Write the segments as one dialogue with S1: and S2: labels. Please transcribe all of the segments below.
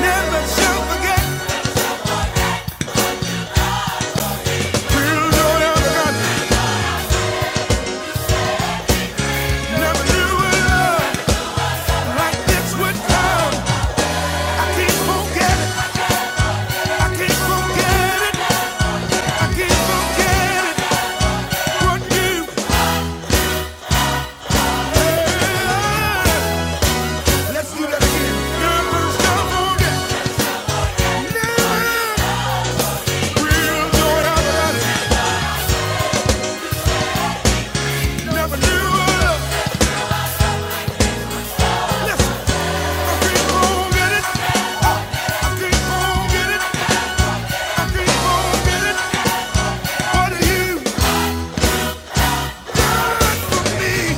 S1: Never shall forget. We'll know you're Never knew a love like this would come. I can't forget it. I can't forget it. I can't forget it. What you did. Let's do that again. Never shall forget. Never. We'll know you're Never knew a love. Listen, I can't forget I can't forget I can't forget What you done for me.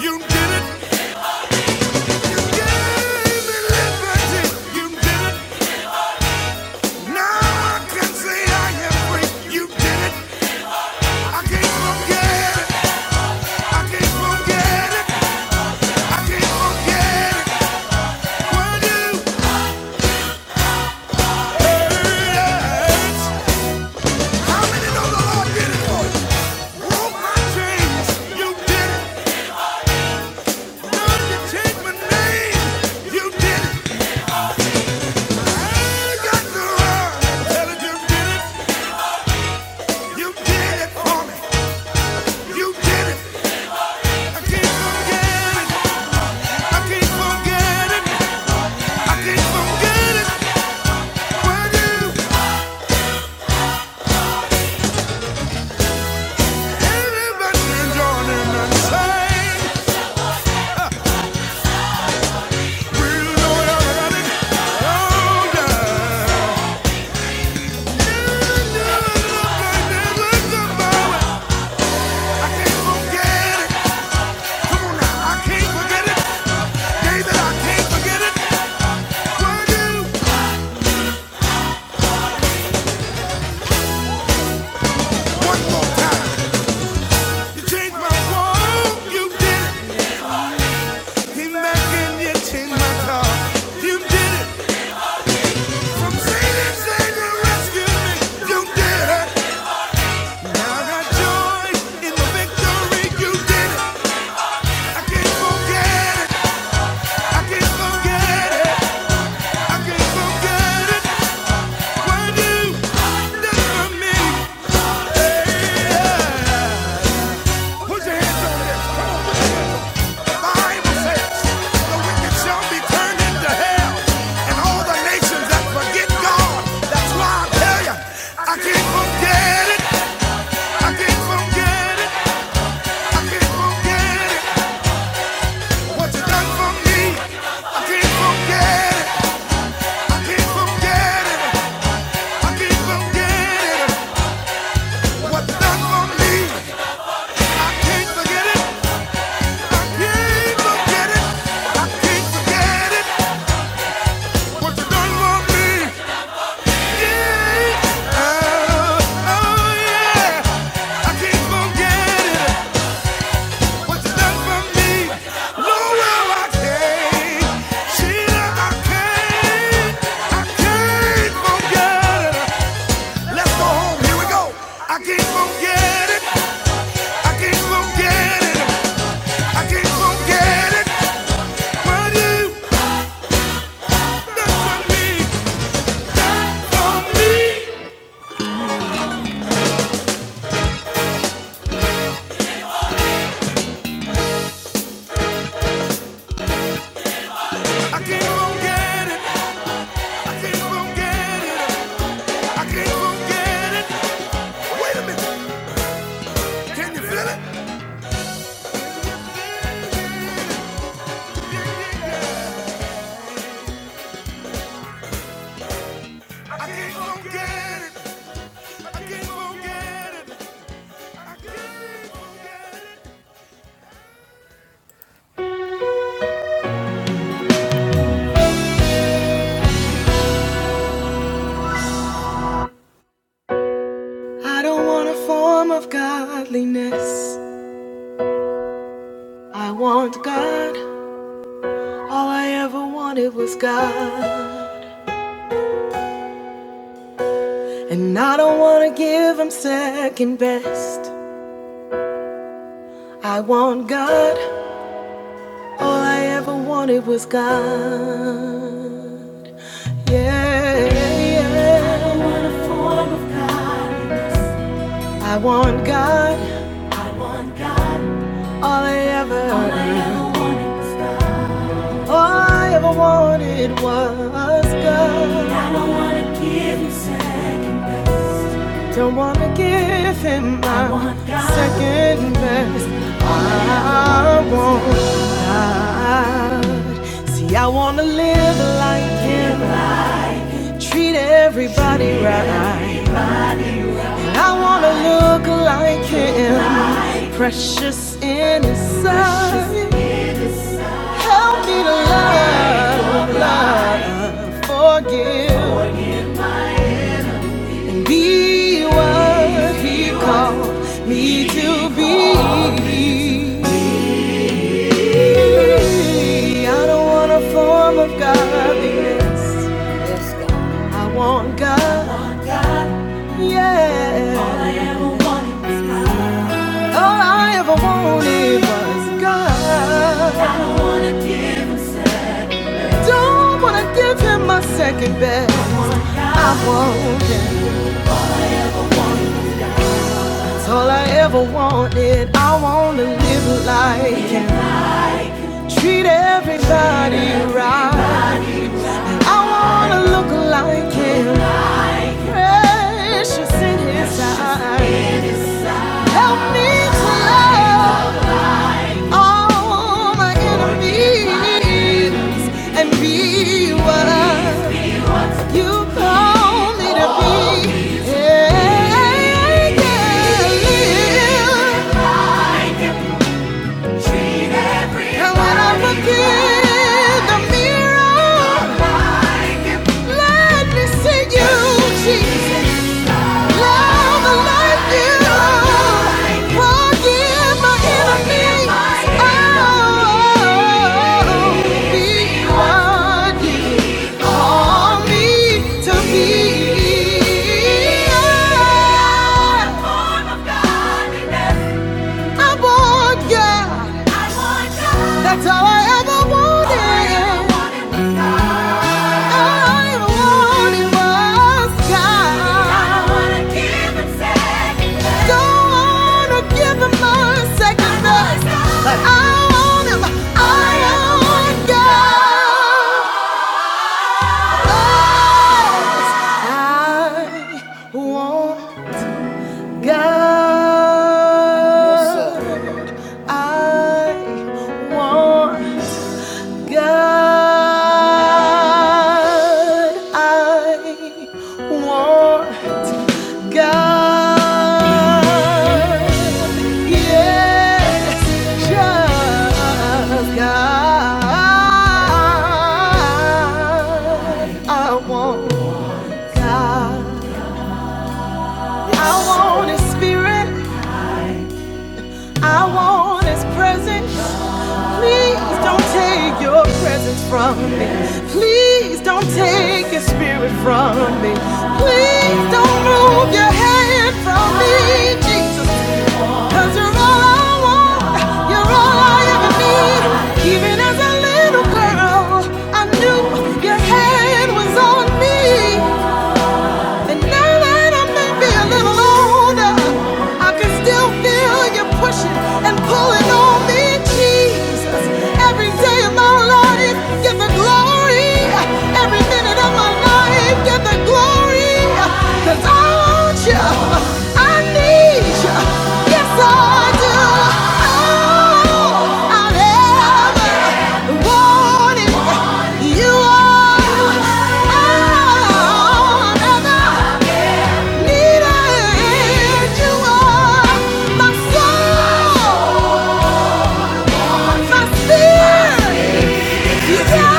S1: You did it, you gave me liberty, you did it. Now I can say I am free. You did it. I can't forget it. I can't forget it. I can't forget it. When you heard it, how many know the Lord did it for you? Broke my chains. You did it. Learned to change my name. You did it. I ain't got to run. Tell it you did it. You did it for me. You did it. I can't forget it. I can't forget it. I keep forgetting when you everybody is yawning and we'll go down and all down. Never, never look like this with the power. I can't forget it. Come on now, I can't forget it. David, I can't forget it. When you one more time, you changed my world. You did it. Came back and you changed my car. You did it. I can't forget it. I can't forget it. Yeah. I can't forget it. What you done for me? No, well, I can't. Sheila, I can't. I can't forget it. Let's go home. Here we go. I can't forget it. I can't forget it. I can't forget it. What you done for me? Done for me. I can't forget it. I can't forget it. I can't forget it. Wait a minute. Can you feel it? I can't forget it. I can't forget it. I can't forget it. I don't want a form of godliness. I want God. All I ever wanted was God. And I don't want to give him second best. I want God. All I ever wanted was God. Yeah, yeah. yeah. I want God. All I ever, all I ever wanted was God. All I ever wanted was God. I don't wanna give him second best. Don't wanna give him my second best. All I I want is God. See, I wanna live like him, treat everybody right. I wanna look like him, precious in his sight. Help me to love, love, forgive, and be what He called me to be. I don't want a form of godliness. I want God. Yeah. All I ever wanted was God. All I ever wanted was God. I Don't wanna give Him second best. I want it. It's all I ever wanted. I wanna live like it. Treat everybody right. I wanna look like it. Precious in his eyes. Help me to love all my enemies and be what you call me to be. Yeah, I can live. like it. And when I look in the mirror, let me see you, Jesus. Love like you. Forgive my enemies. Oh, be what you call me to be. Oh, I want God. That's all I ever wanted. All I wanted was God. I wanna give Him second love. Don't wanna give him my second thought, but I want him. I want God. Yes, I want God. I want God. I want God. Yes, just God. I want God. I want His Spirit. I want His presence. Please don't take your presence from me. Please don't take your spirit from me. Please don't move your hand from me, Jesus. you you're all I want. You're all I ever need. Even as a little girl, I knew your hand was on me. And now that I may be a little older, I can still feel you pushing and pulling on me, Jesus. Every day of my life, give the glory. Every minute of my life, give the glory. Cause I want you. I need you. Yes, I do. Oh, I've ever wanted you are. I've ever needed you are. My soul, my spirit. God!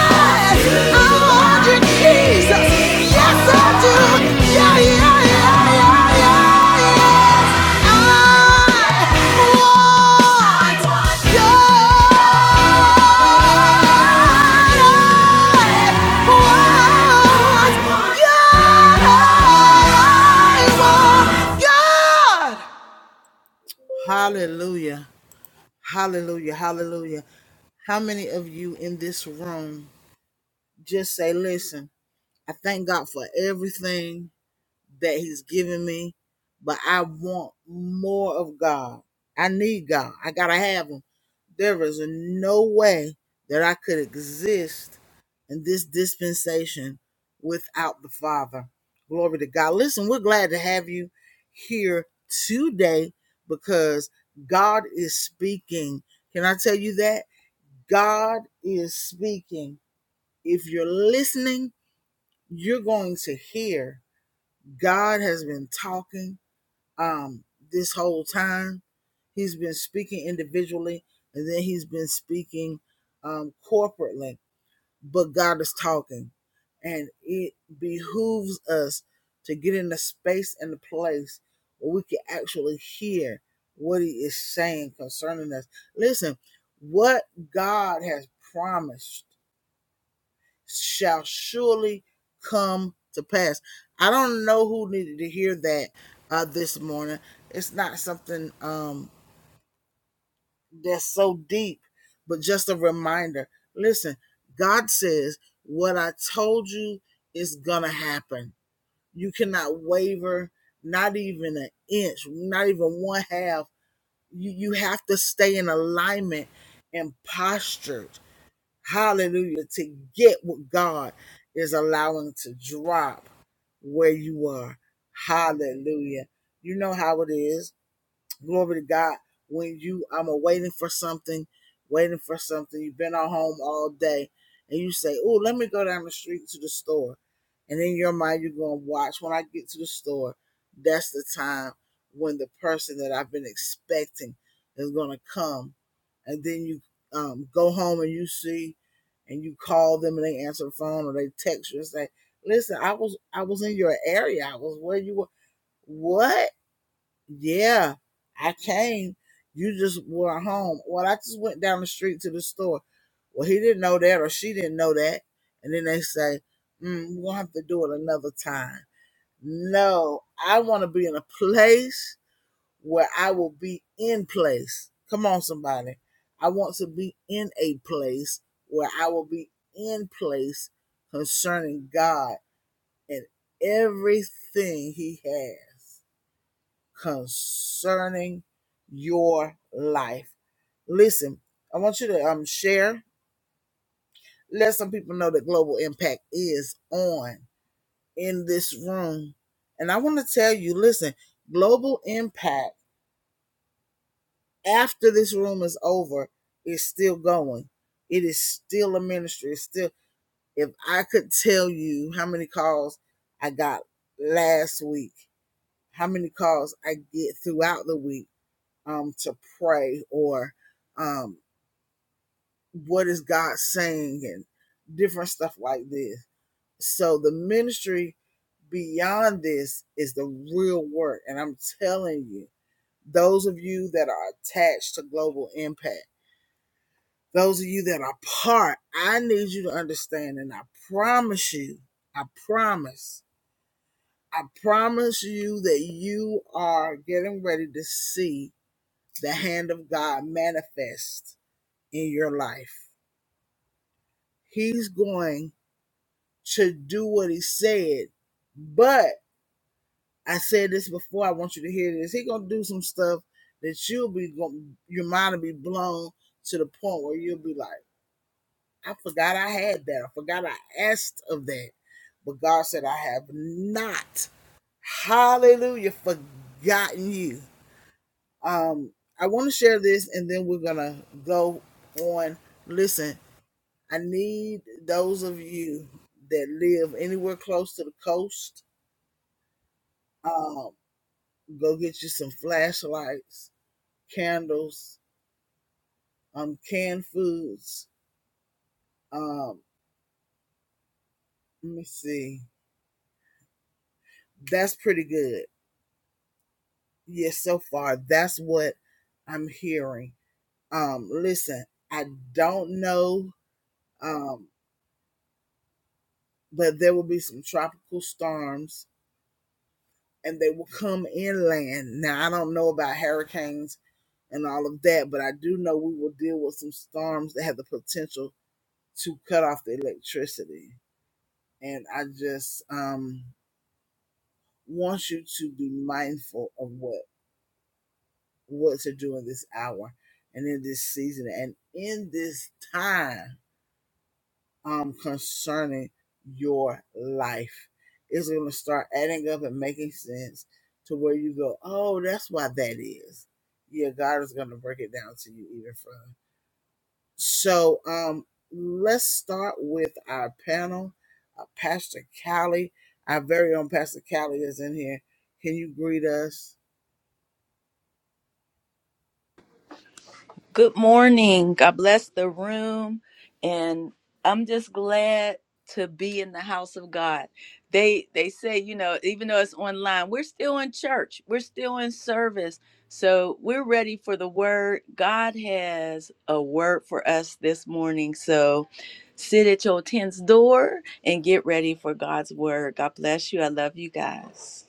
S2: Good morning. God bless the room. And I'm just glad to be in the house of God. They they say, you know, even though it's online, we're still in church. We're still in service. So we're ready for the word. God has a word for us this morning. So sit at your tent's door and get ready for God's word. God bless you. I love you guys.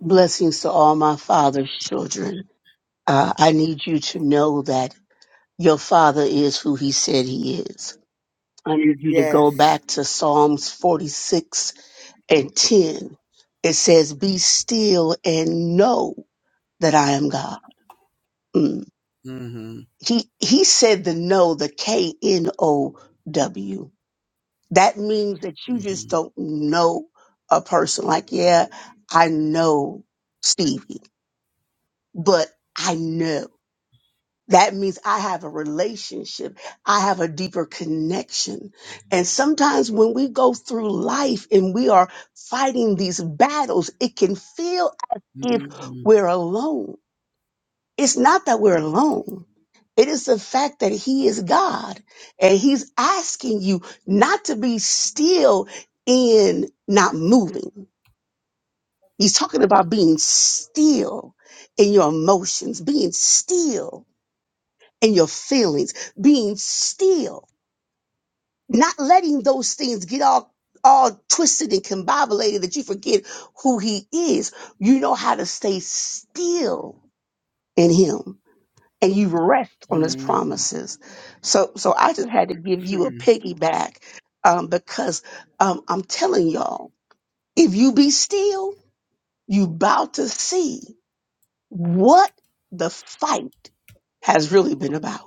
S3: Blessings to all my father's children. Uh, I need you to know that your father is who he said he is. I need you to go back to Psalms 46 and 10. It says, Be still and know that I am God. Mm. He, he said the know, the K N O W. That means that you just don't know a person. Like, yeah, I know Stevie, but I know. That means I have a relationship. I have a deeper connection. And sometimes when we go through life and we are fighting these battles, it can feel as if we're alone. It's not that we're alone. It is the fact that he is God and he's asking you not to be still in not moving. He's talking about being still in your emotions, being still and your feelings, being still, not letting those things get all all twisted and combobulated that you forget who he is. You know how to stay still in him and you rest on his promises. So so I just had to give you a piggyback um, because um, I'm telling y'all, if you be still, you about to see what the fight has really been about.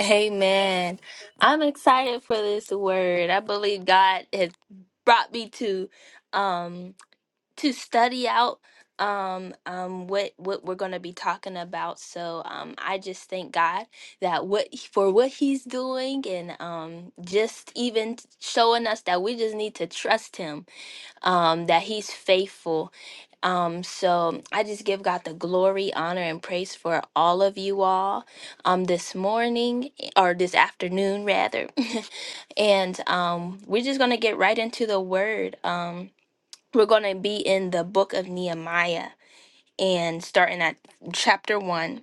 S4: Amen. I'm excited for this word. I believe God has brought me to um to study out um um what what we're going to be talking about. So um I just thank God that what for what he's doing and um just even showing us that we just need to trust him um, that He's faithful. Um, so I just give God the glory, honor, and praise for all of you all um, this morning or this afternoon, rather. and um, we're just going to get right into the word. Um, we're going to be in the book of Nehemiah and starting at chapter 1.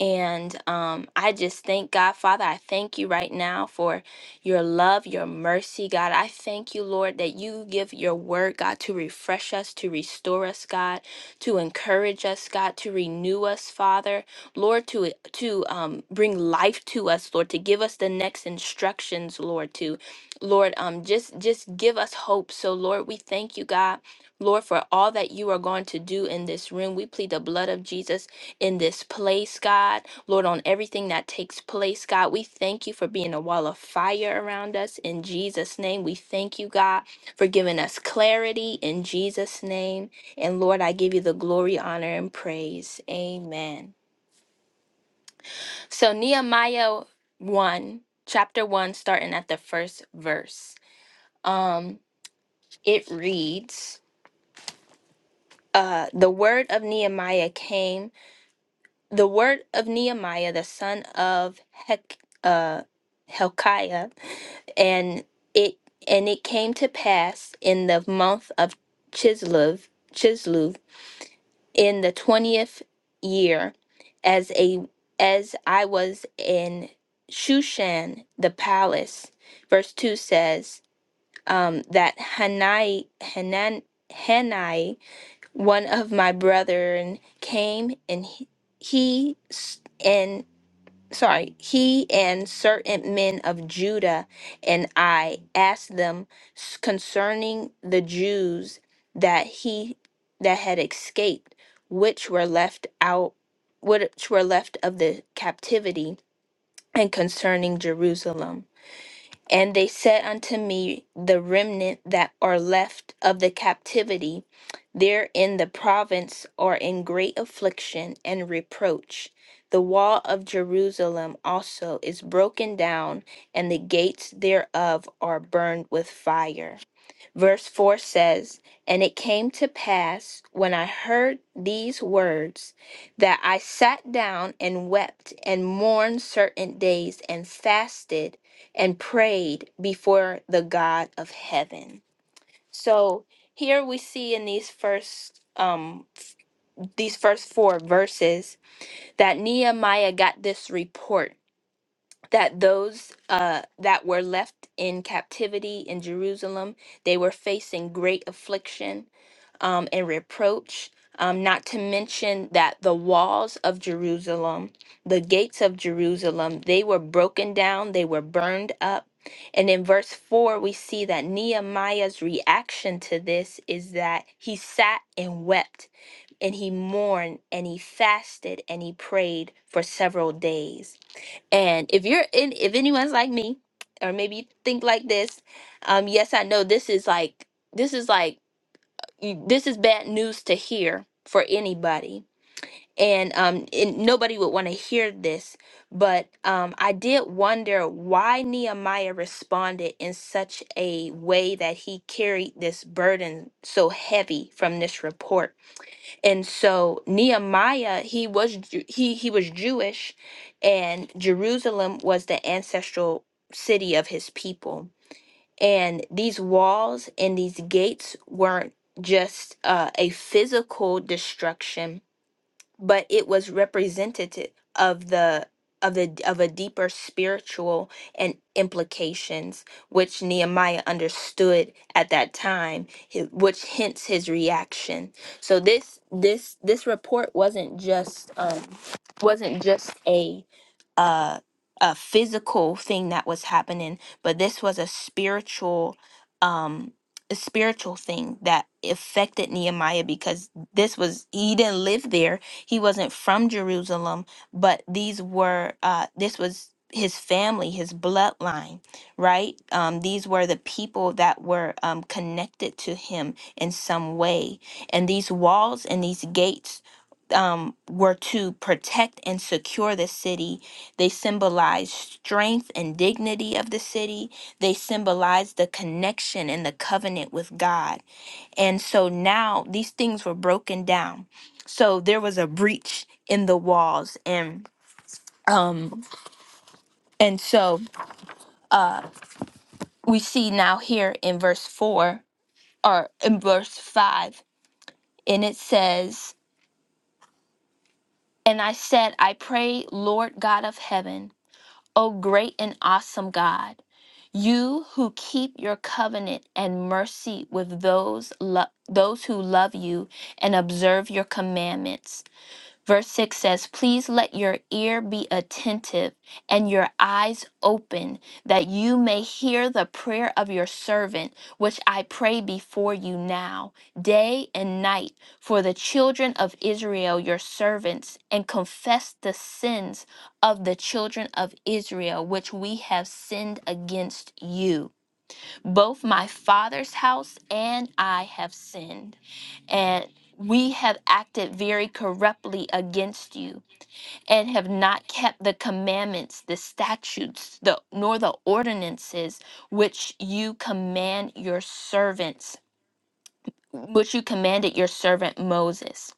S4: And um, I just thank God, Father. I thank you right now for your love, your mercy, God. I thank you, Lord, that you give your word, God, to refresh us, to restore us, God, to encourage us, God, to renew us, Father, Lord, to to um, bring life to us, Lord, to give us the next instructions, Lord, to Lord, um, just just give us hope. So, Lord, we thank you, God. Lord, for all that you are going to do in this room, we plead the blood of Jesus in this place, God. Lord, on everything that takes place, God, we thank you for being a wall of fire around us. In Jesus' name, we thank you, God, for giving us clarity in Jesus' name. And Lord, I give you the glory, honor, and praise. Amen. So, Nehemiah 1, chapter 1, starting at the first verse. Um, it reads, uh, the word of Nehemiah came the word of Nehemiah, the son of Hek, uh, Helkiah, and it and it came to pass in the month of Chislev, Chislev, in the twentieth year, as a as I was in Shushan the palace. Verse two says um, that Hanai Hanan Hanai, one of my brethren, came and he, he s- and sorry, he and certain men of Judah and I asked them s- concerning the Jews that he that had escaped, which were left out, which were left of the captivity, and concerning Jerusalem. And they said unto me, The remnant that are left of the captivity, there in the province are in great affliction and reproach. The wall of Jerusalem also is broken down, and the gates thereof are burned with fire. Verse 4 says, And it came to pass when I heard these words that I sat down and wept and mourned certain days and fasted and prayed before the God of heaven. So here we see in these first um these first four verses that Nehemiah got this report that those uh that were left in captivity in Jerusalem they were facing great affliction um, and reproach. Um, not to mention that the walls of Jerusalem, the gates of Jerusalem, they were broken down, they were burned up. And in verse 4, we see that Nehemiah's reaction to this is that he sat and wept, and he mourned, and he fasted, and he prayed for several days. And if you're in, if anyone's like me, or maybe you think like this, um, yes, I know this is like, this is like, you- this is bad news to hear for anybody and um and nobody would want to hear this but um i did wonder why nehemiah responded in such a way that he carried this burden so heavy from this report and so nehemiah he was Ju- he he was jewish and jerusalem was the ancestral city of his people and these walls and these gates weren't just uh, a physical destruction, but it was representative of the of the of a deeper spiritual and implications which Nehemiah understood at that time, hi- which hence his reaction. So this this this report wasn't just um, wasn't just a a a physical thing that was happening, but this was a spiritual um a spiritual thing that affected Nehemiah because this was he didn't live there. He wasn't from Jerusalem, but these were uh this was his family, his bloodline, right? Um, these were the people that were um, connected to him in some way. And these walls and these gates um, were to protect and secure the city they symbolize strength and dignity of the city. They symbolize the connection and the covenant with God. And so now these things were broken down. So there was a breach in the walls and um and so uh we see now here in verse 4 or in verse 5 and it says and I said I pray Lord God of heaven O great and awesome God, you who keep your covenant and mercy with those lo- those who love you and observe your commandments. Verse 6 says, Please let your ear be attentive and your eyes open, that you may hear the prayer of your servant, which I pray before you now, day and night, for the children of Israel, your servants, and confess the sins of the children of Israel, which we have sinned against you. Both my father's house and I have sinned and we have acted very corruptly against you and have not kept the commandments the statutes the nor the ordinances which you command your servants which you commanded your servant Moses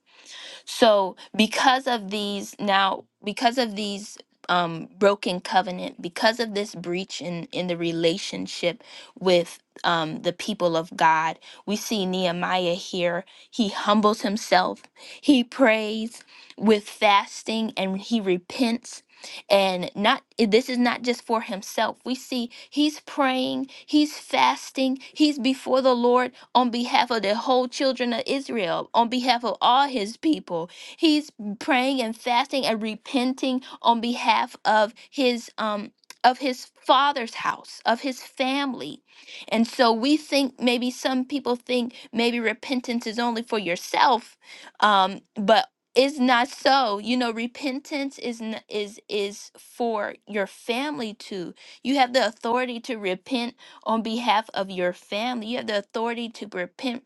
S4: so because of these now, because of these um, broken covenant, because of this breach in in the relationship with um, the people of God, we see Nehemiah here. He humbles himself. He prays with fasting, and he repents and not this is not just for himself we see he's praying he's fasting he's before the lord on behalf of the whole children of israel on behalf of all his people he's praying and fasting and repenting on behalf of his um of his father's house of his family and so we think maybe some people think maybe repentance is only for yourself um but is not so you know repentance is n- is is for your family too you have the authority to repent on behalf of your family you have the authority to repent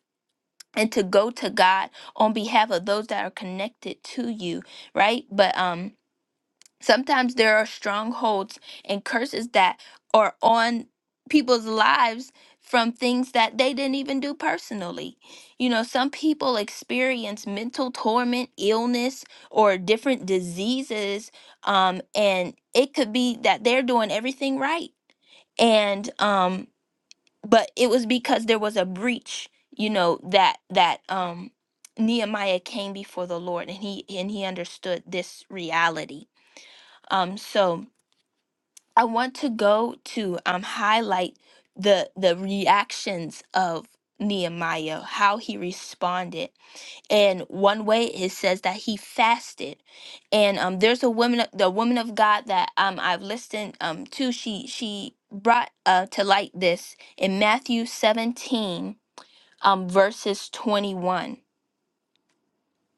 S4: and to go to god on behalf of those that are connected to you right but um Sometimes there are strongholds and curses that are on people's lives from things that they didn't even do personally. You know, some people experience mental torment, illness, or different diseases, um, and it could be that they're doing everything right, and um, but it was because there was a breach. You know that that um, Nehemiah came before the Lord, and he and he understood this reality. Um, so I want to go to um highlight the the reactions of Nehemiah, how he responded. And one way it says that he fasted. And um there's a woman the woman of God that um I've listened um to she she brought uh to light this in Matthew 17 um verses 21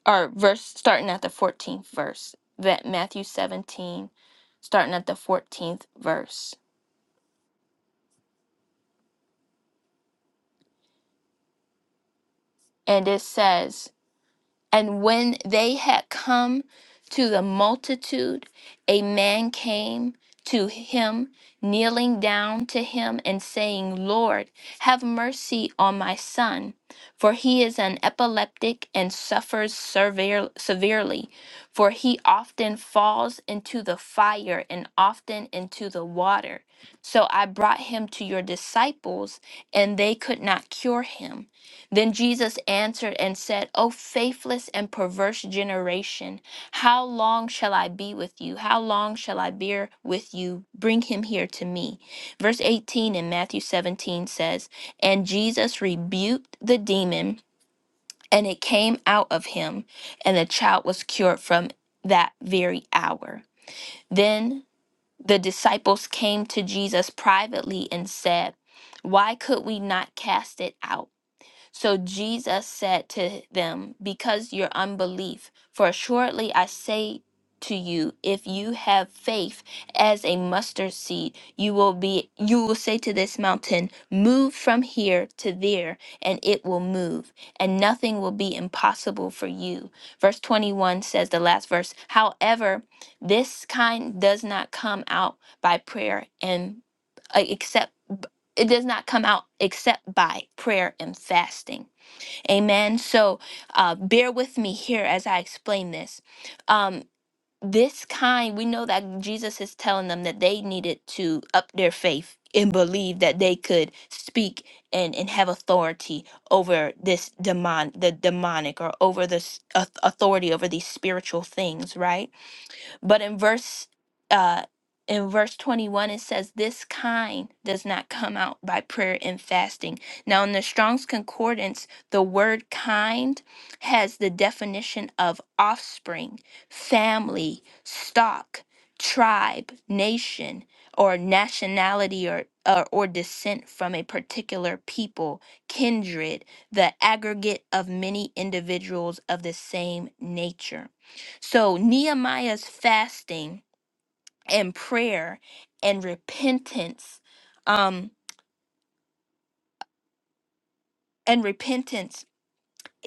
S4: or verse starting at the 14th verse. That Matthew 17 starting at the 14th verse. And it says And when they had come to the multitude, a man came to him, kneeling down to him and saying, Lord, have mercy on my son, for he is an epileptic and suffers sever- severely, for he often falls into the fire and often into the water. So I brought him to your disciples, and they could not cure him. Then Jesus answered and said, O faithless and perverse generation, how long shall I be with you? How long shall I bear with you? Bring him here to me. Verse 18 in Matthew 17 says, And Jesus rebuked the demon, and it came out of him, and the child was cured from that very hour. Then the disciples came to Jesus privately and said, Why could we not cast it out? So Jesus said to them, Because your unbelief, for assuredly I say to you, if you have faith as a mustard seed, you will be you will say to this mountain, Move from here to there, and it will move, and nothing will be impossible for you. Verse 21 says the last verse, however, this kind does not come out by prayer and uh, except it does not come out except by prayer and fasting. Amen. So uh, bear with me here as I explain this. Um, this kind, we know that Jesus is telling them that they needed to up their faith and believe that they could speak and, and have authority over this demon, the demonic, or over this au- authority over these spiritual things, right? But in verse uh in verse 21 it says this kind does not come out by prayer and fasting. Now in the Strong's concordance, the word kind has the definition of offspring, family, stock, tribe, nation, or nationality or or, or descent from a particular people, kindred, the aggregate of many individuals of the same nature. So Nehemiah's fasting and prayer and repentance, um, and repentance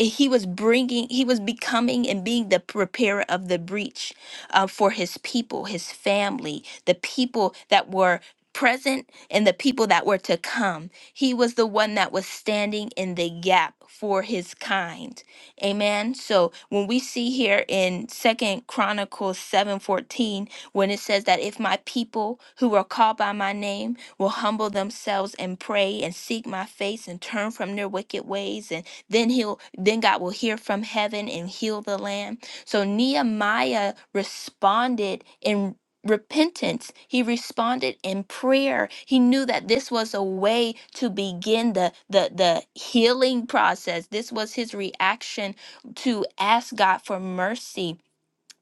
S4: he was bringing he was becoming and being the repairer of the breach uh, for his people his family the people that were present and the people that were to come he was the one that was standing in the gap for his kind amen so when we see here in second chronicles 7:14 when it says that if my people who are called by my name will humble themselves and pray and seek my face and turn from their wicked ways and then he'll then God will hear from heaven and heal the land. So Nehemiah responded in repentance. He responded in prayer. He knew that this was a way to begin the the the healing process. This was his reaction to ask God for mercy.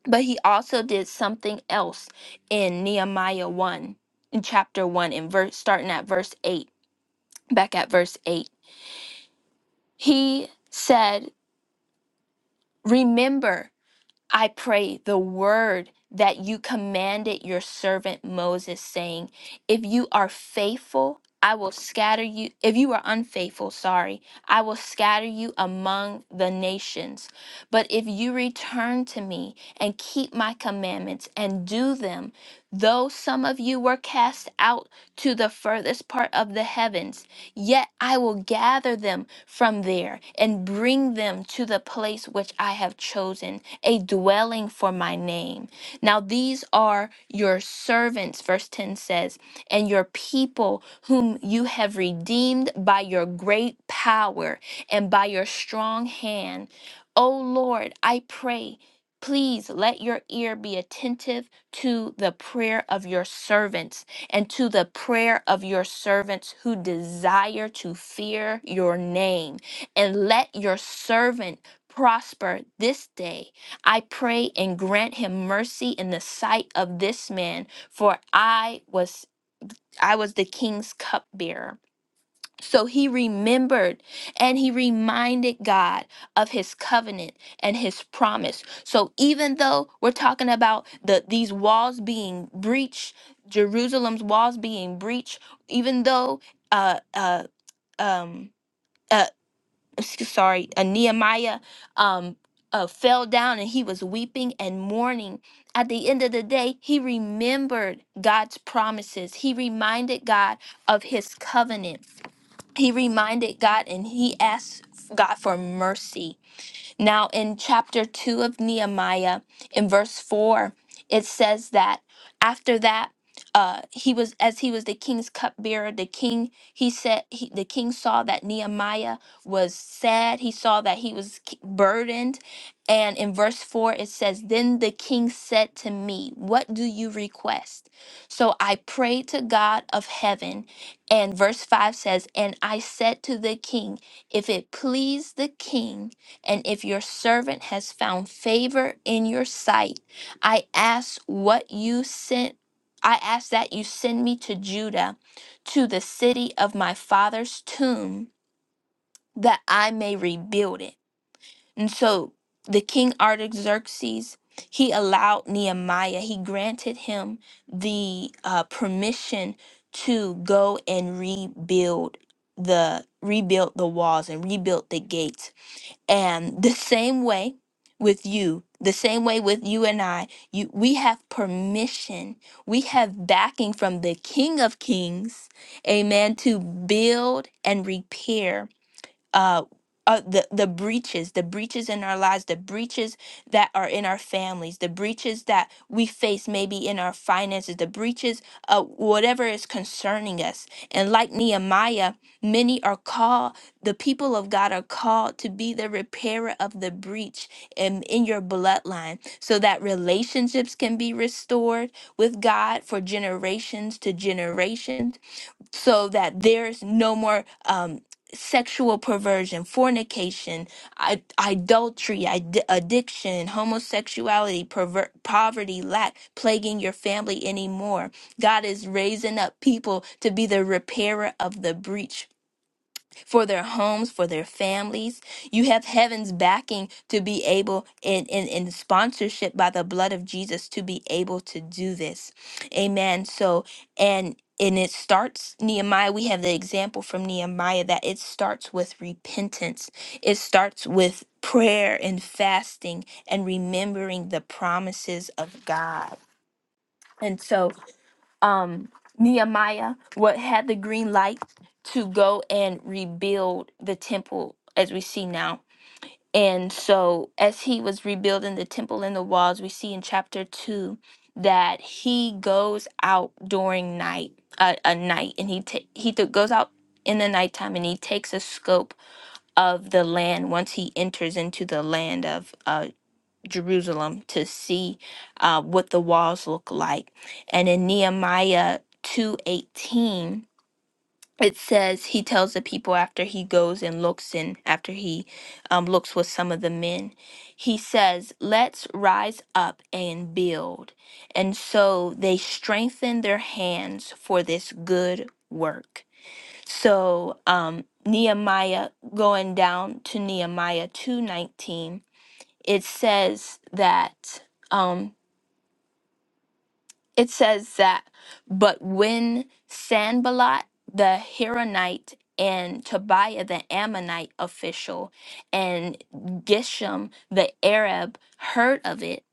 S4: But he also did something else in Nehemiah 1 in chapter 1 in verse starting at verse 8. Back at verse 8. He said, "Remember I pray the word that you commanded your servant Moses, saying, If you are faithful, I will scatter you. If you are unfaithful, sorry, I will scatter you among the nations. But if you return to me and keep my commandments and do them, though some of you were cast out to the furthest part of the heavens, yet I will gather them from there and bring them to the place which I have chosen a dwelling for my name. Now, these are your servants, verse 10 says, and your people whom you have redeemed by your great power and by your strong hand. O Lord, I pray. Please let your ear be attentive to the prayer of your servants and to the prayer of your servants who desire to fear your name. And let your servant prosper this day I pray and grant him mercy in the sight of this man, for I was I was the king's cupbearer. So he remembered and he reminded God of his covenant and his promise. So even though we're talking about the these walls being breached, Jerusalem's walls being breached, even though uh uh um uh, s- sorry, uh, Nehemiah um, uh, fell down and he was weeping and mourning. At the end of the day, he remembered God's promises. He reminded God of his covenant. He reminded God and he asked God for mercy. Now, in chapter 2 of Nehemiah, in verse 4, it says that after that, uh, he was as he was the king's cupbearer. The king he said he, the king saw that Nehemiah was sad. He saw that he was k- burdened, and in verse four it says, "Then the king said to me, What do you request?" So I prayed to God of heaven, and verse five says, "And I said to the king, If it please the king." And if your servant has found favor in your sight, I ask what you sent. I ask that you send me to Judah, to the city of my father's tomb, that I may rebuild it. And so the king Artaxerxes, he allowed Nehemiah, he granted him the uh, permission to go and rebuild the rebuild the walls and rebuild the gates and the same way with you, the same way with you and I, you we have permission. We have backing from the King of Kings, amen, to build and repair uh, uh, the the breaches, the breaches in our lives, the breaches that are in our families, the breaches that we face maybe in our finances, the breaches of whatever is concerning us. And like Nehemiah, many are called. The people of God are called to be the repairer of the breach in, in your bloodline, so that relationships can be restored with God for generations to generations so that there's no more um, sexual perversion, fornication, I- adultery, id- addiction, homosexuality, perver- poverty, lack plaguing your family anymore. God is raising up people to be the repairer of the breach for their homes, for their families. You have heaven's backing to be able, and, and, and sponsorship by the blood of Jesus to be able to do this. Amen. So, and and it starts Nehemiah. We have the example from Nehemiah that it starts with repentance. It starts with prayer and fasting and remembering the promises of God. And so um, Nehemiah what had the green light to go and rebuild the temple as we see now. And so as he was rebuilding the temple and the walls, we see in chapter 2 that he goes out during night, uh, a night, and he ta- he th- goes out in the nighttime and he takes a scope of the land once he enters into the land of uh, Jerusalem to see uh, what the walls look like. And in Nehemiah 2:18, it says he tells the people after he goes and looks and after he um, looks with some of the men, he says, "Let's rise up and build." And so they strengthen their hands for this good work. So um, Nehemiah going down to Nehemiah 2:19 it says that um it says that but when Sanballat the Hiranite and Tobiah the Ammonite official and Geshem the Arab heard of it,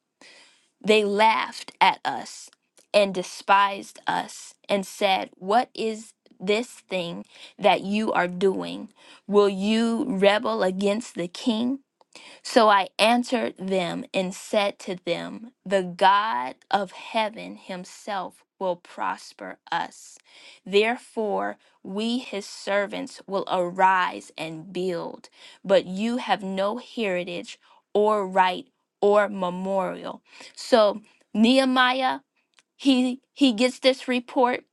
S4: they laughed at us and despised us and said, What is this thing that you are doing? Will you rebel against the king? So I answered them and said to them, The God of heaven himself will prosper us. Therefore, we his servants will arise and build. But you have no heritage or right or memorial. So Nehemiah, he he gets this report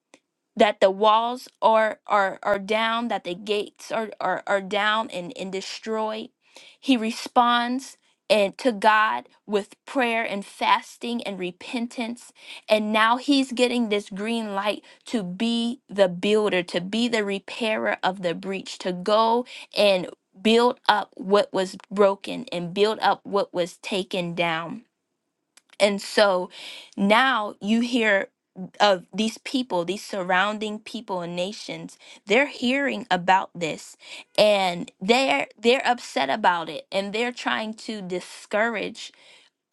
S4: that the walls are are are down that the gates are are, are down and, and destroyed he responds and to god with prayer and fasting and repentance and now he's getting this green light to be the builder to be the repairer of the breach to go and build up what was broken and build up what was taken down and so now you hear of these people, these surrounding people and nations, they're hearing about this and they're they're upset about it and they're trying to discourage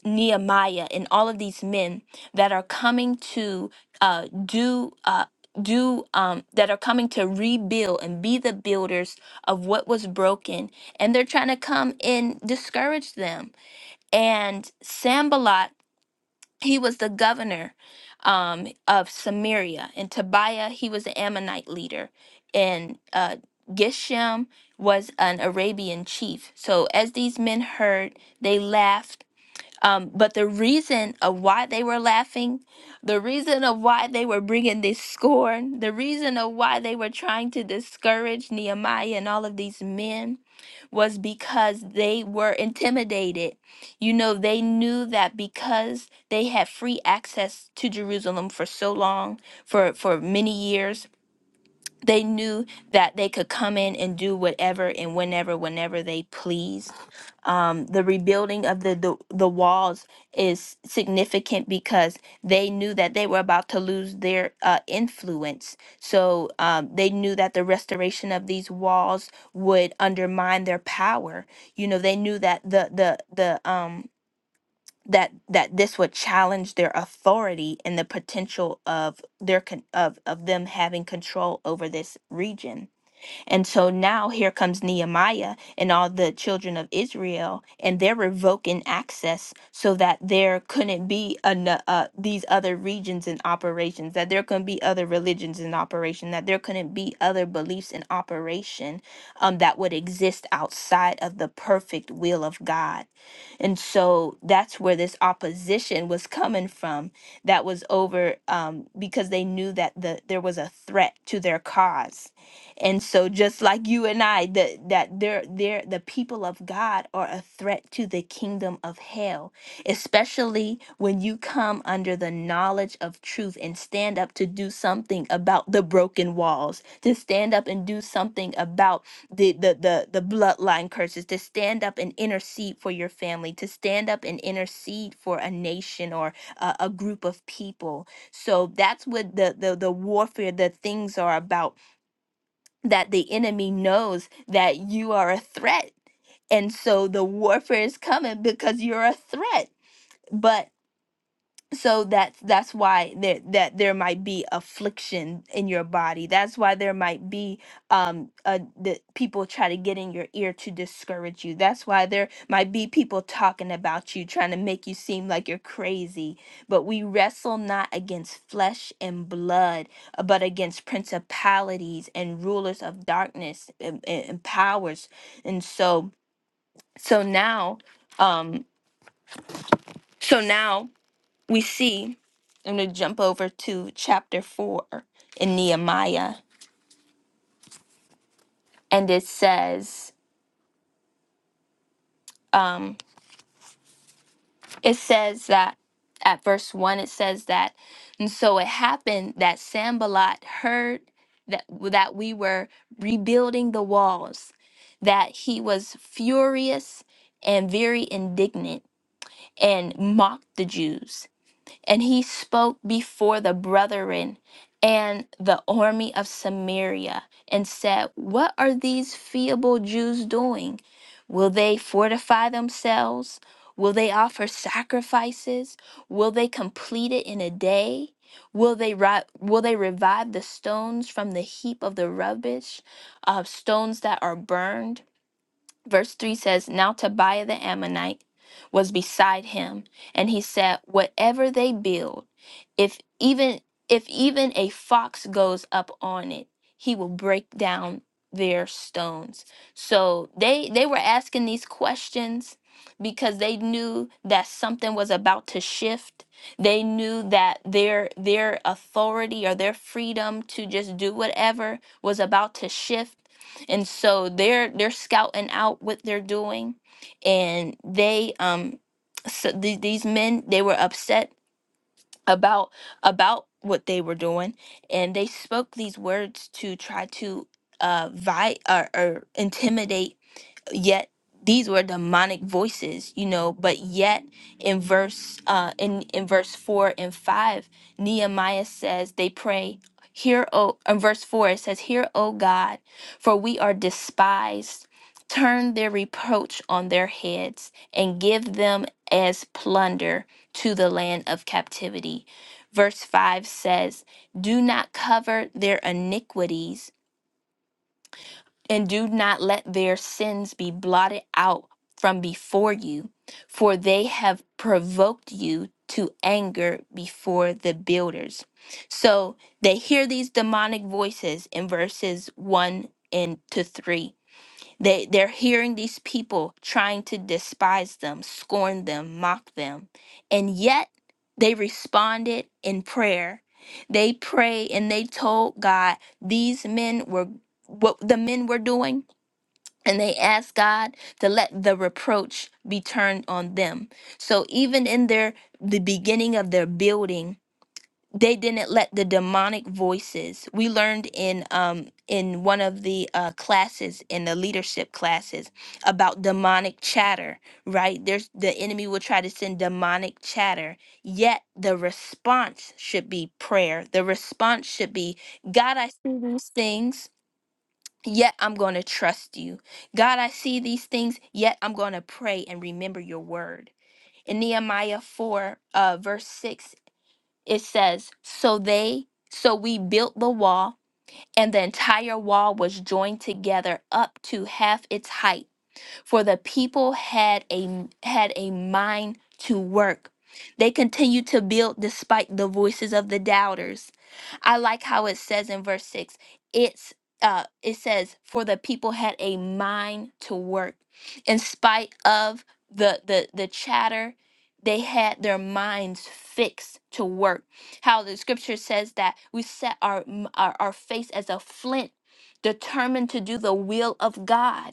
S4: Nehemiah and all of these men that are coming to uh, do uh, do um, that are coming to rebuild and be the builders of what was broken and they're trying to come and discourage them and Sambalot he was the governor um, of Samaria, and Tobiah he was the Ammonite leader, and uh, Geshem was an Arabian chief. So as these men heard, they laughed. Um, but the reason of why they were laughing, the reason of why they were bringing this scorn, the reason of why they were trying to discourage Nehemiah and all of these men was because they were intimidated. You know, they knew that because they had free access to Jerusalem for so long, for, for many years, they knew that they could come in and do whatever and whenever whenever they pleased um, the rebuilding of the, the the walls is significant because they knew that they were about to lose their uh, influence so um, they knew that the restoration of these walls would undermine their power you know they knew that the the the um that that this would challenge their authority and the potential of their con- of of them having control over this region. And so now here comes Nehemiah and all the children of Israel and they're revoking access so that there couldn't be an, uh, these other regions in operations that there couldn't be other religions in operation that there couldn't be other beliefs in operation um, that would exist outside of the perfect will of God and so that's where this opposition was coming from that was over um, because they knew that the, there was a threat to their cause. And so just like you and I, the, that they're, they're, the people of God are a threat to the kingdom of hell, especially when you come under the knowledge of truth and stand up to do something about the broken walls, to stand up and do something about the the the the bloodline curses to stand up and intercede for your family to stand up and intercede for a nation or a, a group of people so that's what the, the the warfare the things are about that the enemy knows that you are a threat and so the warfare is coming because you're a threat. But so that's that's why there that there might be affliction in your body that's why there might be um uh, the people try to get in your ear to discourage you that's why there might be people talking about you trying to make you seem like you're crazy but we wrestle not against flesh and blood uh, but against principalities and rulers of darkness and, and and powers and so so now um so now we see, I'm going to jump over to chapter 4 in Nehemiah, and it says, um, it says that at verse 1, it says that, and so it happened that Sambalot heard that, that we were rebuilding the walls, that he was furious and very indignant and mocked the Jews. and he spoke before the brethren and the army of Samaria and said, What are these feeble Jews doing? Will they fortify themselves? Will they offer sacrifices? Will they complete it in a day? Will they ri- will they revive the stones from the heap of the rubbish, of stones that are burned? Verse 3 says, Now Tobiah the Ammonite was beside him, and he said, Whatever they build, if even if even a fox goes up on it, he will break down their stones. So they they were asking these questions because they knew that something was about to shift. They knew that their their authority or their freedom to just do whatever was about to shift and so they're they're scouting out what they're doing and they um so the, these men they were upset about about what they were doing and they spoke these words to try to uh vi or, or intimidate yet these were demonic voices you know but yet in verse uh in in verse 4 and 5 nehemiah says they pray hear o in verse 4 it says hear o god for we are despised turn their reproach on their heads and give them as plunder to the land of captivity verse 5 says do not cover their iniquities and do not let their sins be blotted out from before you, for they have provoked you to anger before the builders. So they hear these demonic voices in verses 1 and to 3 they they're hearing these people trying to despise them, scorn them, mock them. And yet they responded in prayer. They pray and they told God these men were what the men were doing and they asked God to let the reproach be turned on them. So even in their the beginning of their building they didn't let the demonic voices we learned in um in one of the uh classes in the leadership classes about demonic chatter right there's the enemy will try to send demonic chatter yet the response should be prayer the response should be god i see these things Yet I'm going to trust you. God, I see these things, yet I'm going to pray and remember your word. In Nehemiah 4, uh, verse 6, it says, So they, so we built the wall, and the entire wall was joined together up to half its height for the people had a had a mind to work. They continued to build despite the voices of the doubters. I like how it says in verse 6. It's uh it says for the people had a mind to work. In spite of the the the chatter, they had their minds fixed to work. How the scripture says that we set our m- our, our face as a flint determined to do the will of God.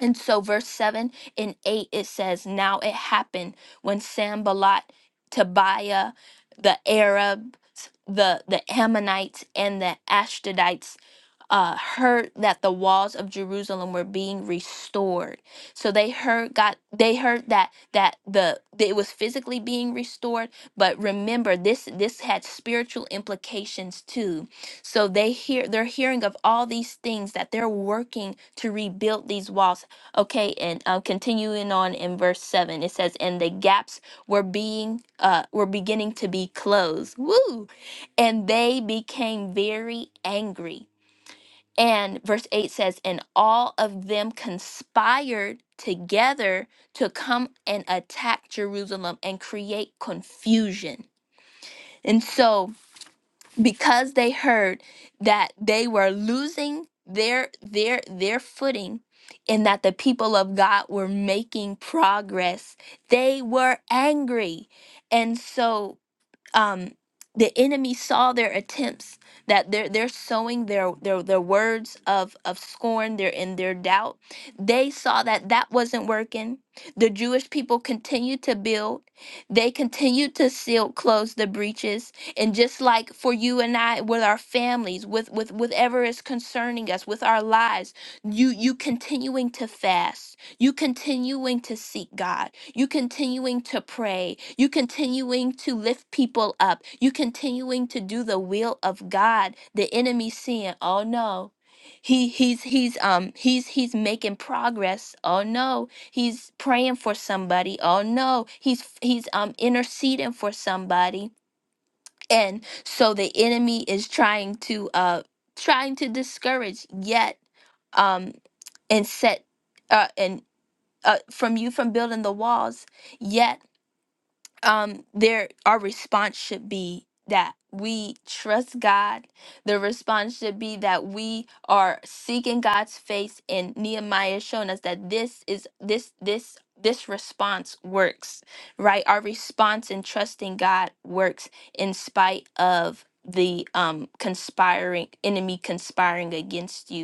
S4: And so, verse 7 and 8, it says, Now it happened when Sambalot, Tobiah, the Arabs, the, the Ammonites, and the Ashdodites uh, heard that the walls of Jerusalem were being restored. So they heard God. They heard that that the that it was physically being restored, but remember this this had spiritual implications too. So they hear they're hearing of all these things that they're working to rebuild these walls. Okay, and uh, continuing on in verse seven, it says, "And the gaps were being uh were beginning to be closed." Woo! And they became very angry and verse 8 says, And all of them conspired together to come and attack Jerusalem and create confusion. And so, because they heard that they were losing their their their footing and that the people of God were making progress, they were angry. And so um, the enemy saw their attempts that they're they're sowing their their their words of of scorn They're in their doubt they saw that that wasn't working the jewish people continued to build they continued to seal close the breaches and just like for you and i with our families with with whatever is concerning us with our lives you you continuing to fast you continuing to seek God, you continuing to pray, you continuing to lift people up, you continuing to do the will of God, the enemy seeing, oh no. He he's he's um he's he's making progress. Oh no, he's praying for somebody. Oh no, he's he's um interceding for somebody. And so the enemy is trying to uh trying to discourage yet um and set uh, and uh, from you from building the walls. Yet, um, there our response should be that we trust God. The response should be that we are seeking God's face, and Nehemiah is showing us that this is this this this response works, right? Our response in trusting God works in spite of the um conspiring enemy conspiring against you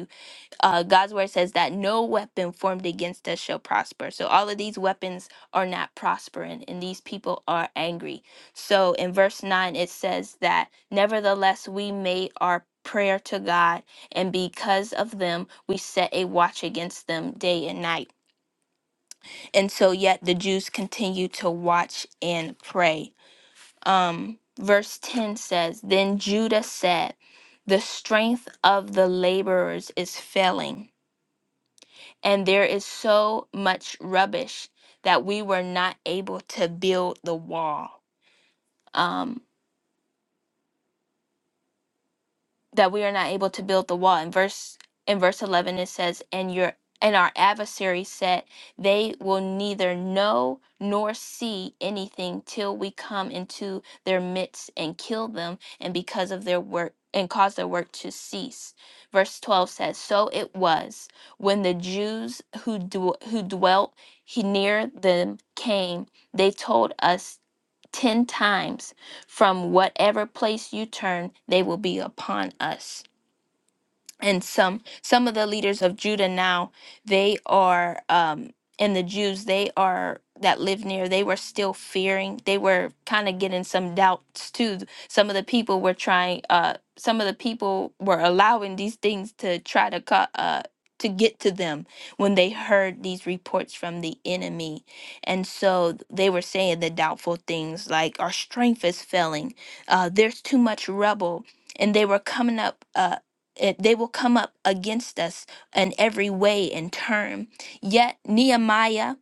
S4: uh, God's word says that no weapon formed against us shall prosper. So all of these weapons are not prospering, and these people are angry. So in verse 9, it says that, Nevertheless, we made our prayer to God, and because of them, we set a watch against them day and night. And so, yet the Jews continue to watch and pray. Um, verse 10 says, Then Judah said, The strength of the laborers is failing and there is so much rubbish that we were not able to build the wall. Um, that we are not able to build the wall. In verse in verse eleven it says, And your and our adversary said, They will neither know nor see anything till we come into their midst and kill them, and because of their work and cause their work to cease. Verse twelve says, So it was when the Jews who dw- who dwelt he near them came, they told us 10 times from whatever place you turn, they will be upon us and some some of the leaders of Judah now they are um and the Jews they are that live near they were still fearing they were kind of getting some doubts too some of the people were trying uh some of the people were allowing these things to try to cut uh to get to them when they heard these reports from the enemy and so they were saying the doubtful things like our strength is failing uh there's too much rubble and they were coming up. uh, it, they will come up against us in every way and term. Yet Nehemiah,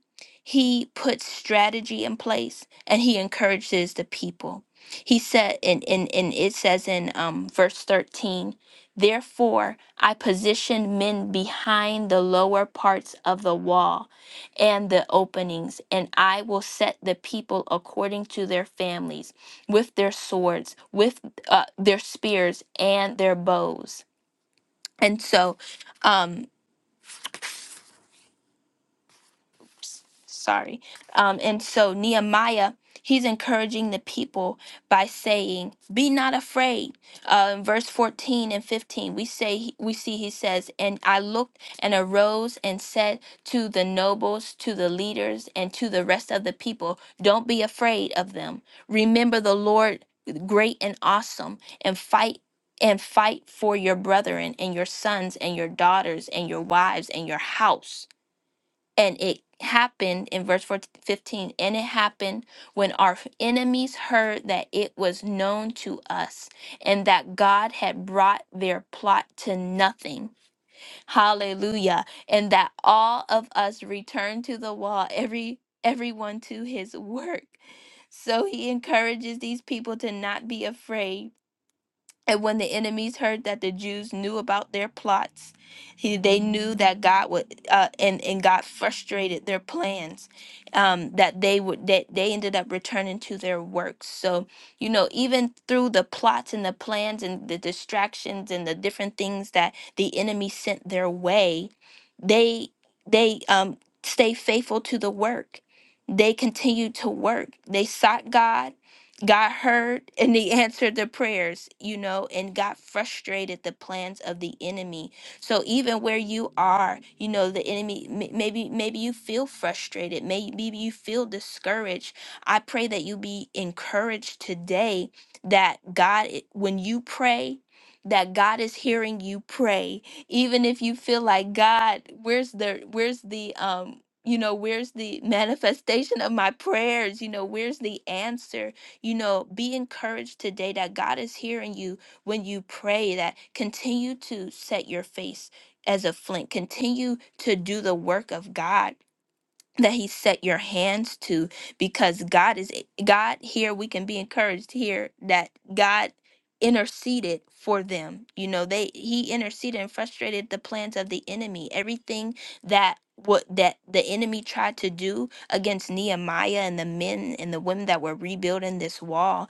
S4: he put strategy in place and he encourages the people. He said, and, and, and it says in um, verse 13, Therefore I positioned men behind the lower parts of the wall and the openings, and I will set the people according to their families, with their swords, with uh, their spears, and their bows and so, um, sorry. Um, and so Nehemiah, he's encouraging the people by saying, "Be not afraid." Uh, in verse fourteen and fifteen, we say we see he says, "And I looked and arose and said to the nobles, to the leaders, and to the rest of the people, Don't be afraid of them. Remember the Lord, great and awesome, and fight." And fight for your brethren and your sons and your daughters and your wives and your house And it happened in verse 14 fifteen, and it happened when our enemies heard that it was known to us and that God had brought their plot to nothing. Hallelujah. And that all of us returned to the wall, every everyone to his work. So he encourages these people to not be afraid and when the enemies heard that the Jews knew about their plots, he, they knew that God would, uh, and and God frustrated their plans. Um, that they would, that they ended up returning to their works. So you know, even through the plots and the plans and the distractions and the different things that the enemy sent their way, they they um stay faithful to the work. They continued to work. They sought God God heard and he answered the prayers, you know, and God frustrated the plans of the enemy. So even where you are, you know, the enemy m- maybe maybe you feel frustrated, may- maybe you feel discouraged. I pray that you be encouraged today that God i- when you pray that God is hearing you pray, even if you feel like God, where's the where's the um you know where's the manifestation of my prayers you know where's the answer you know, be encouraged today that God is hearing you when you pray, that continue to set your face as a flint, continue to do the work of God that he set your hands to because God is God here we can be encouraged here that God interceded for them you know they he interceded and frustrated the plans of the enemy everything that what that the enemy tried to do against Nehemiah and the men and the women that were rebuilding this wall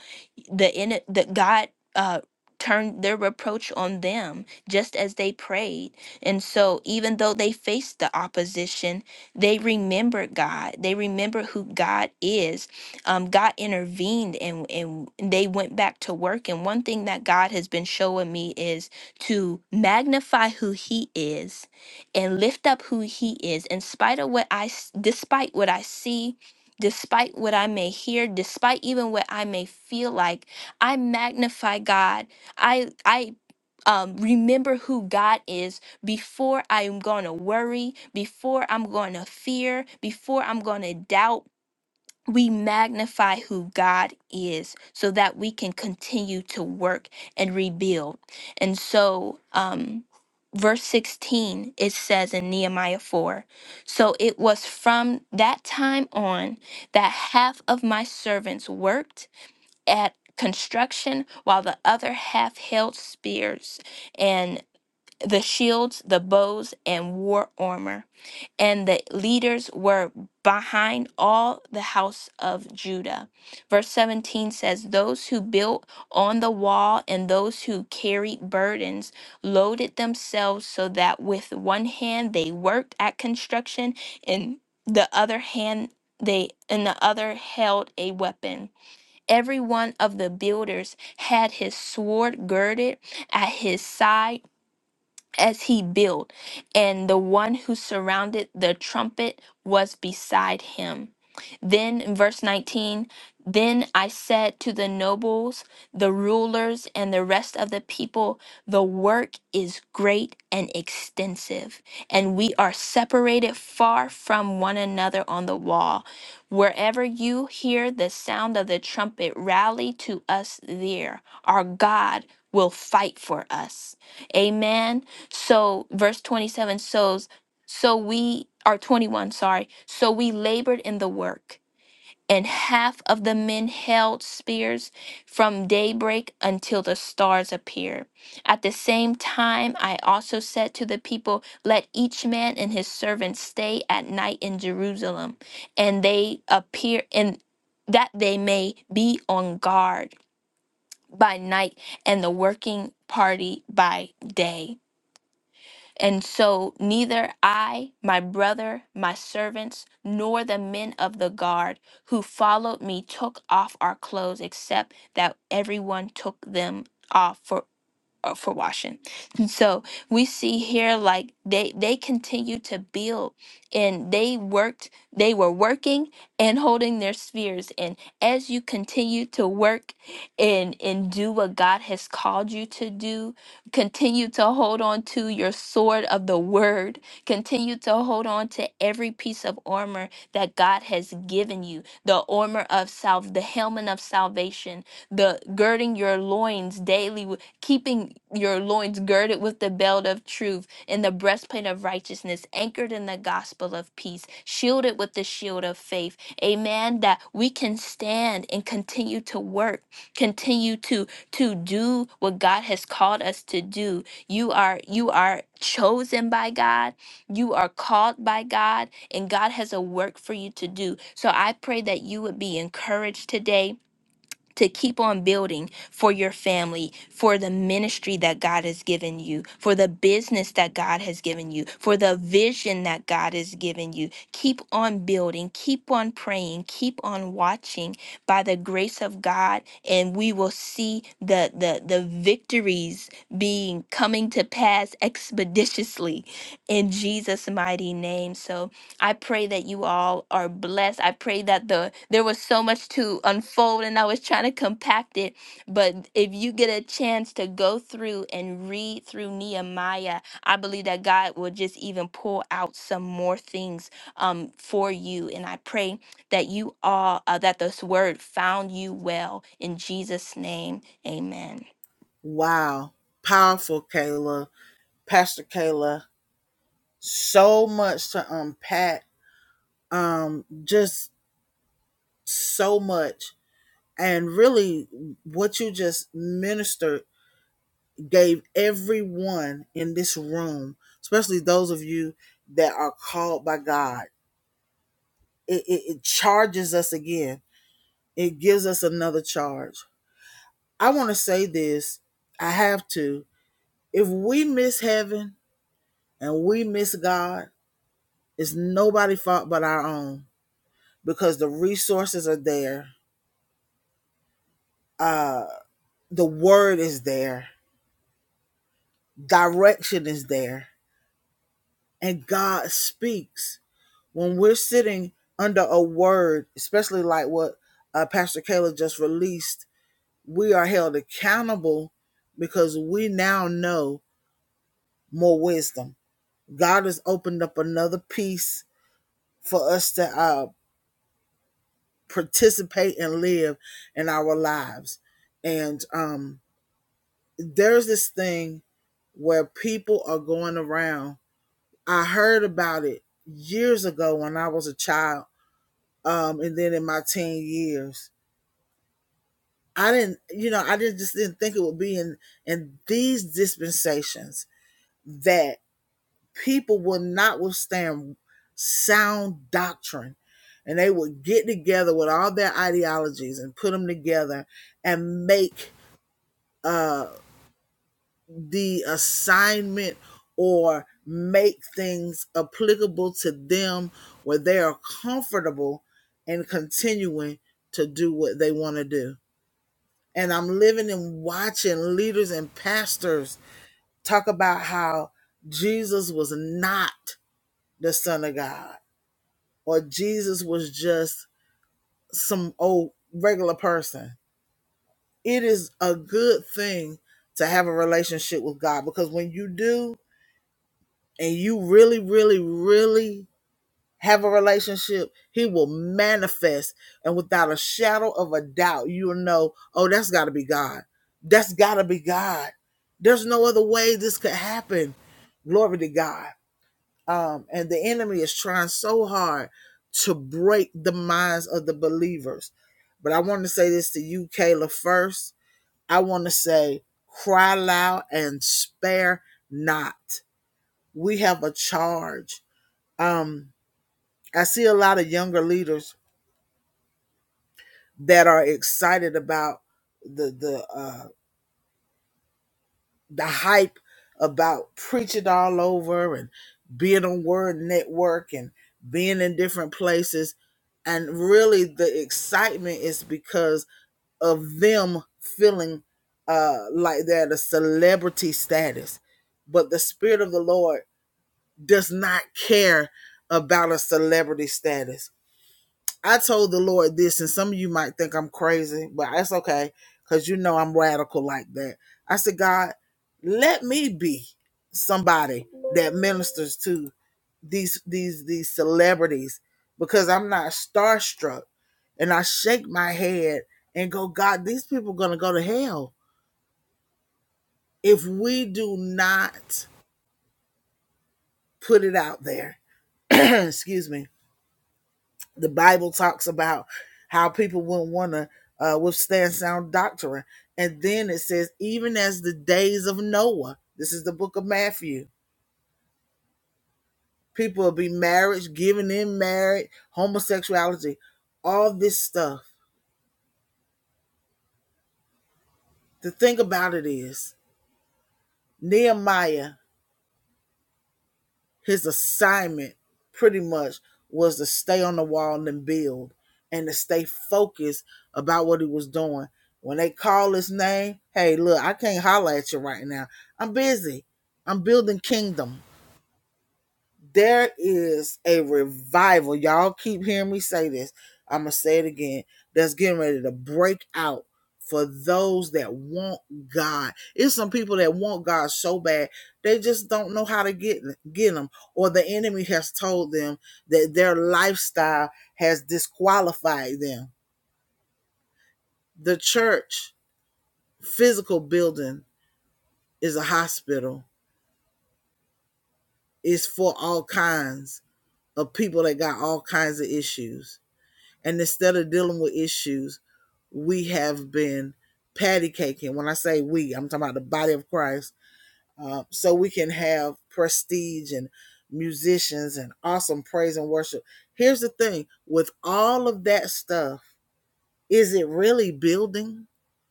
S4: the in the God uh turned their reproach on them just as they prayed and so even though they faced the opposition they remembered God. They remembered who God is. Um, God intervened and, and they went back to work. And one thing that God has been showing me is to magnify who He is and lift up who He is in spite of what I, s- despite what I see. Despite what I may hear, despite even what I may feel like, I magnify God. I I um, remember who God is before I'm gonna worry, before I'm gonna fear, before I'm gonna doubt, we magnify who God is so that we can continue to work and rebuild. And so, um, verse 16, it says in Nehemiah 4 So it was from that time on that half of my servants worked at construction while the other half held spears the shields, the bows, and war armor. And the leaders were behind all the house of Judah. Verse 17 says, Those who built on the wall and those who carried burdens loaded themselves so that with one hand they worked at construction and the other hand they and the other held a weapon. Every one of the builders had his sword girded at his side as he built, and the one who surrounded the trumpet was beside him. Then, in verse 19, then I said to the nobles, the rulers, and the rest of the people, the work is great and extensive, and we are separated far from one another on the wall. Wherever you hear the sound of the trumpet, rally to us there. Our God will fight for us. Amen. So verse 27 shows, so we are 21, sorry. So we labored in the work, and half of the men held spears from daybreak until the stars appear. At the same time, I also said to the people, Let each man and his servant stay at night in Jerusalem, and they appear and that they may be on guard by night and the working party by day. And so neither I, my brother, my servants, nor the men of the guard who followed me took off our clothes, except that everyone took them off. for uh, for washing. And so we see here like they they continue to build and they worked they were working and holding their spheres and as you continue to work and and do what God has called you to do, continue to hold on to your sword of the word, continue to hold on to every piece of armor that God has given you, the armor of salve, the helmet of salvation, the girding your loins daily keeping your loins girded with the belt of truth and the breastplate of righteousness, anchored in the gospel of peace, shielded with the shield of faith. Amen. That we can stand and continue to work, continue to to do what God has called us to do. You are you are chosen by God. You are called by God, and God has a work for you to do. So I pray that you would be encouraged today to keep on building for your family, for the ministry that God has given you, for the business that God has given you, for the vision that God has given you. Keep on building, keep on praying, keep on watching by the grace of God, and we will see the the, the victories being coming to pass expeditiously in Jesus' mighty name. So I pray that you all are blessed. I pray that the there was so much to unfold and I was trying to compact it, but if you get a chance to go through and read through Nehemiah, I believe that God will just even pull out some more things um for you and I pray that you all uh, that this word found you well in Jesus name. Amen.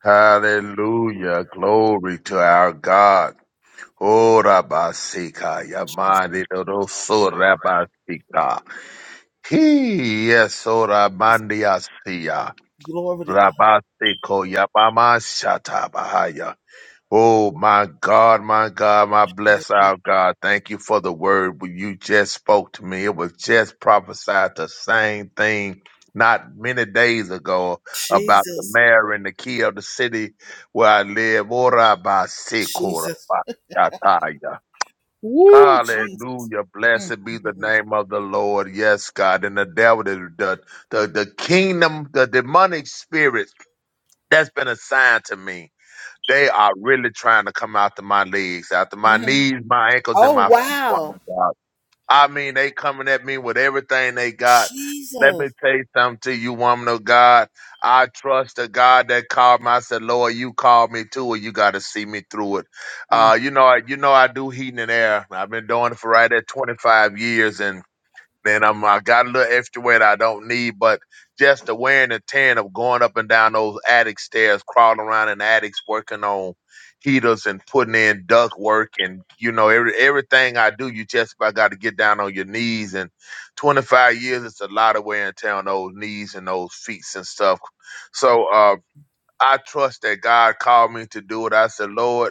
S5: Hallelujah. Glory to our God. Oh, Rabasika, Yamani, Dodoso, Rabasika. He, yes, oh, Ramandiasia. Rabasiko, Yamama, Shata, Oh my God, my God, my bless our God. Thank you for the word Well, you just spoke to me. It was just prophesied the same thing not many days ago about the mayor and the key of the city where I live. Ora ba si Hallelujah. Blessed be the name of the Lord. Yes, God. And the devil, the, the, the the kingdom, the demonic spirits that's been assigned to me. They are really trying to come after my legs, after my knees, my ankles, and my feet. Oh my God. I mean, they coming at me with everything they got. Let me tell you something to you, woman of God. I trust the God that called me. I said, Lord, you called me too, and you got to see me through it. Uh, you know, I- you know, I do heating and air. I've been doing it for right at 25 years, and then I'm I got a little extra weight I don't need, but just the wearing and tearing of going up and down those attic stairs, crawling around in attics, working on heaters and putting in duct work and you know every everything I do, you just about got to get down on your knees. And 25 years, it's a lot of wear and tear on those knees and those feet and stuff. So uh, I trust that God called me to do it. I said, Lord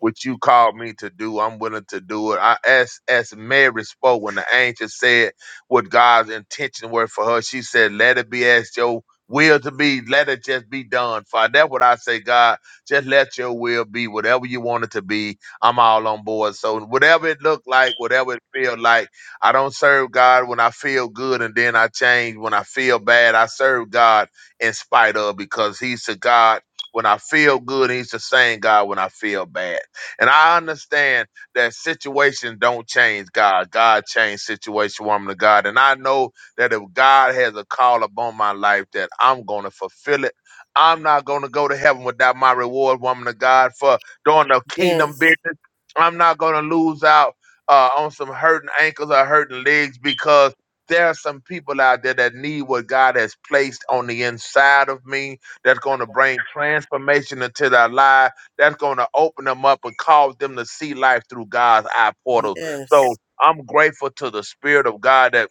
S5: what you called me to do, I'm willing to do it. I, as as Mary spoke when the angel said what God's intention were for her, she said, "Let it be as your will to be. Let it just be done." Father, that's what I say, God. Just let your will be whatever you want it to be. I'm all on board. So whatever it looked like, whatever it feel like, I don't serve God when I feel good and then I change. When I feel bad, I serve God in spite of because He's the God. When I feel good, He's the same God when I feel bad. And I understand that situations don't change God. God changed situation, woman of God. And I know that if God has a call upon my life, that I'm going to fulfill it. I'm not going to go to heaven without my reward, woman of God, for doing the kingdom business. I'm not going to lose out uh, on some hurting ankles or hurting legs because there are some people out there that need what God has placed on the inside of me that's going to bring transformation into their life that's going to open them up and cause them to see life through God's eye portal. So I'm grateful to the Spirit of God that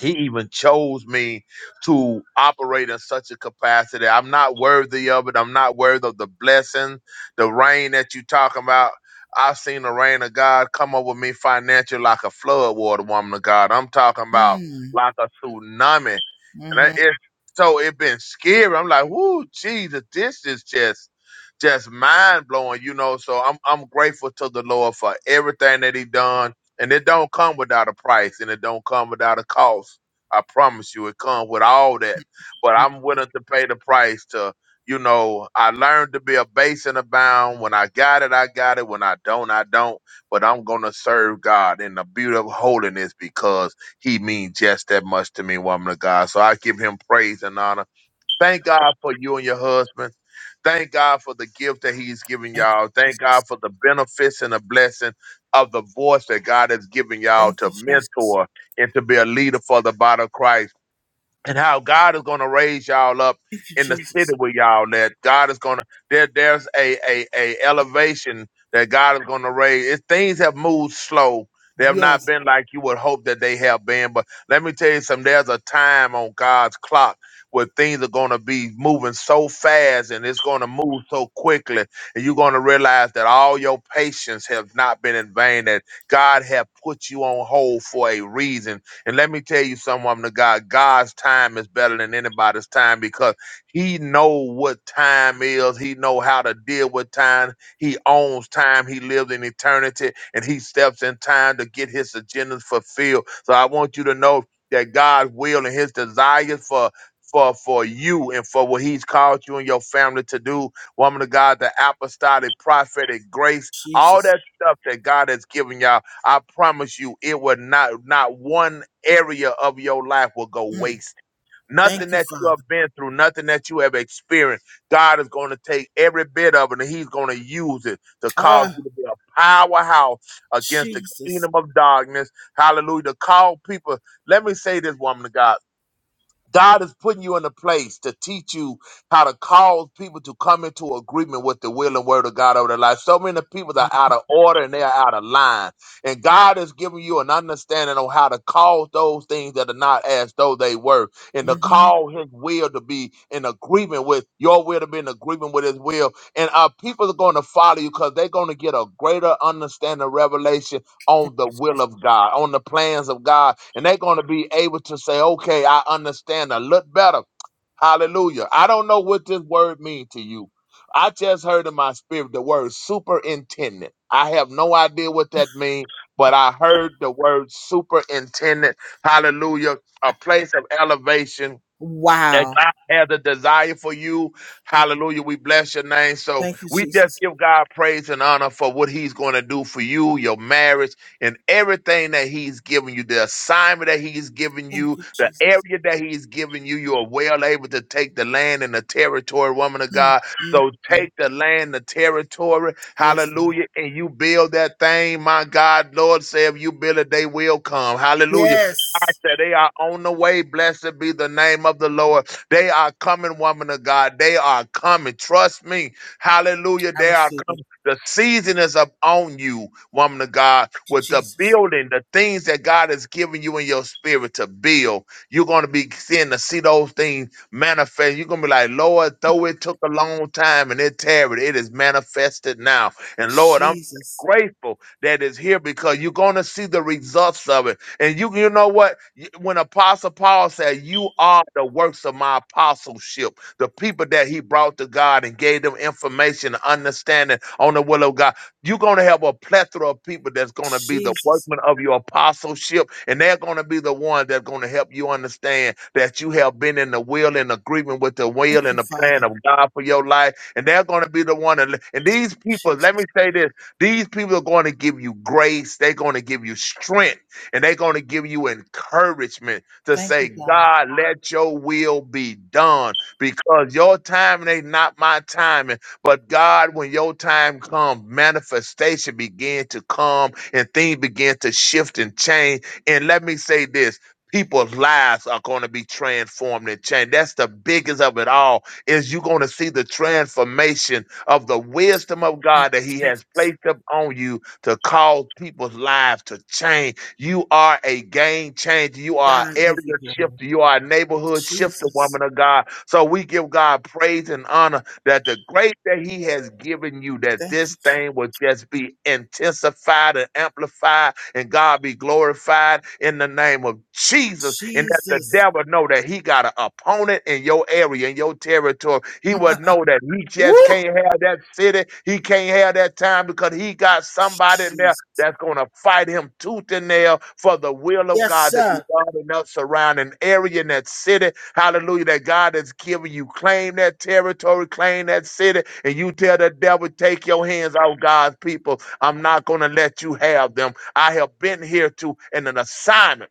S5: he even chose me to operate in such a capacity. I'm not worthy of it. I'm not worthy of the blessing, the rain that you talking about. I've seen the rain of God come over me financially like a flood water, woman of God. I'm talking about like a tsunami. And I- it, so it been scary. I'm like, whoo, Jesus, this is just just mind blowing, you know. So I'm I'm grateful to the Lord for everything that He done and it don't come without a price and it don't come without a cost. I promise you, it comes with all that. But I'm willing to pay the price to, you know, I learned to be a base and a bound. When I got it, I got it. When I don't, I don't. But I'm going to serve God in the beauty of holiness because he means just that much to me, woman of God. So I give him praise and honor Thank God for you and your husband. Thank God for the gift that He's given y'all. Thank God for the benefits and the blessing of the voice that God has given y'all to mentor and to be a leader for the body of Christ and how God is going to raise y'all up in the city where y'all at. God is going to there. There's a a a elevation that God is going to raise. It, things have moved slow. They have not been like you would hope that they have been. But let me tell you something. There's a time on God's clock where things are going to be moving so fast and it's going to move so quickly and you're going to realize that all your patience has not been in vain that god have put you on hold for a reason and let me tell you something, woman of God, God's time is better than anybody's time because he know what time is. He know how to deal with time. He owns time. He lives in eternity and he steps in time to get his agendas fulfilled. So I want you to know that God's will and his desires for for for you and for what he's called you and your family to do, woman of God, the apostolic prophetic grace, all that stuff that God has given y'all I promise you, it will not not one area of your life will go waste. Nothing that you have been through, nothing that you have experienced, God is going to take every bit of it and He's going to use it to cause you to be a powerhouse against the kingdom of darkness. Hallelujah. To call people. Let me say this, woman of God. God is putting you in a place to teach you how to cause people to come into agreement with the will and word of God over their life. So many people are out of order and they are out of line. And God is giving you an understanding on how to cause those things that are not as though they were and to call his will to be in agreement with your will to be in agreement with his will. And uh, people are going to follow you because they're going to get a greater understanding, revelation on the will of God, on the plans of God. And they're going to be able to say, okay, I understand. I look better. Hallelujah. I don't know what this word means to you. I just heard in my spirit the word superintendent. I have no idea what that means, but I heard the word superintendent. Hallelujah. A place of elevation that God has a desire for you. Hallelujah. We bless your name. So we just give God praise and honor for what he's going to do for you, your marriage, and everything that he's given you, the assignment that he's given you, the area that he's given you. You are well able to take the land and the territory, woman of God. So take the land, the territory. Hallelujah. And you build that thing. My God, Lord, say if you build it, they will come. Hallelujah. I said they are on the way. Blessed be the name of the Lord. They are coming, woman of God. They are coming. Trust me. Hallelujah. They are coming. The season is up on you, woman of God, with the building, the things that God has given you in your spirit to build. You're going to be seeing to see those things manifest. You're going to be like, Lord, though it took a long time and it tarried, it is manifested now. And Lord, I'm grateful that it's here because you're going to see the results of it and you, you know what? Y- When Apostle Paul said, "You are the works of my apostleship," the people that he brought to God and gave them information, understanding on the will of God, you're gonna have a plethora of people that's gonna be the workmen of your apostleship, and they're gonna be the ones that's gonna help you understand that you have been in the will and agreement with the will and the plan of God for your life, and they're gonna be the one. That, and these people, let me say this: these people are going to give you grace. They're going to give you strength and they're going to give you encouragement to say, God, let your will be done because your timing ain't not my timing. But God, when your time comes, manifestation begin to come and things begin to shift and change. And let me say this. People's lives are going to be transformed and changed. That's the biggest of it all. Is you're going to see the transformation of the wisdom of God that He has placed upon you to cause people's lives to change you are a game changer. You are an area shifter. You are a neighborhood shifter, woman of God. So we give God praise and honor that the grace that He has given you, that this thing will just be intensified and amplified, and God be glorified in the name of Jesus. And that the devil know that he got an opponent in your area, in your territory. He would know that he just can't have that city. He can't have that time because he got somebody in there that's going to fight him tooth and nail for the will of God to be done in that surrounding area in that city. Hallelujah. That God has given you. Claim that territory, claim that city, and you tell the devil, take your hands off God's people. I'm not going to let you have them. I have been here to in an assignment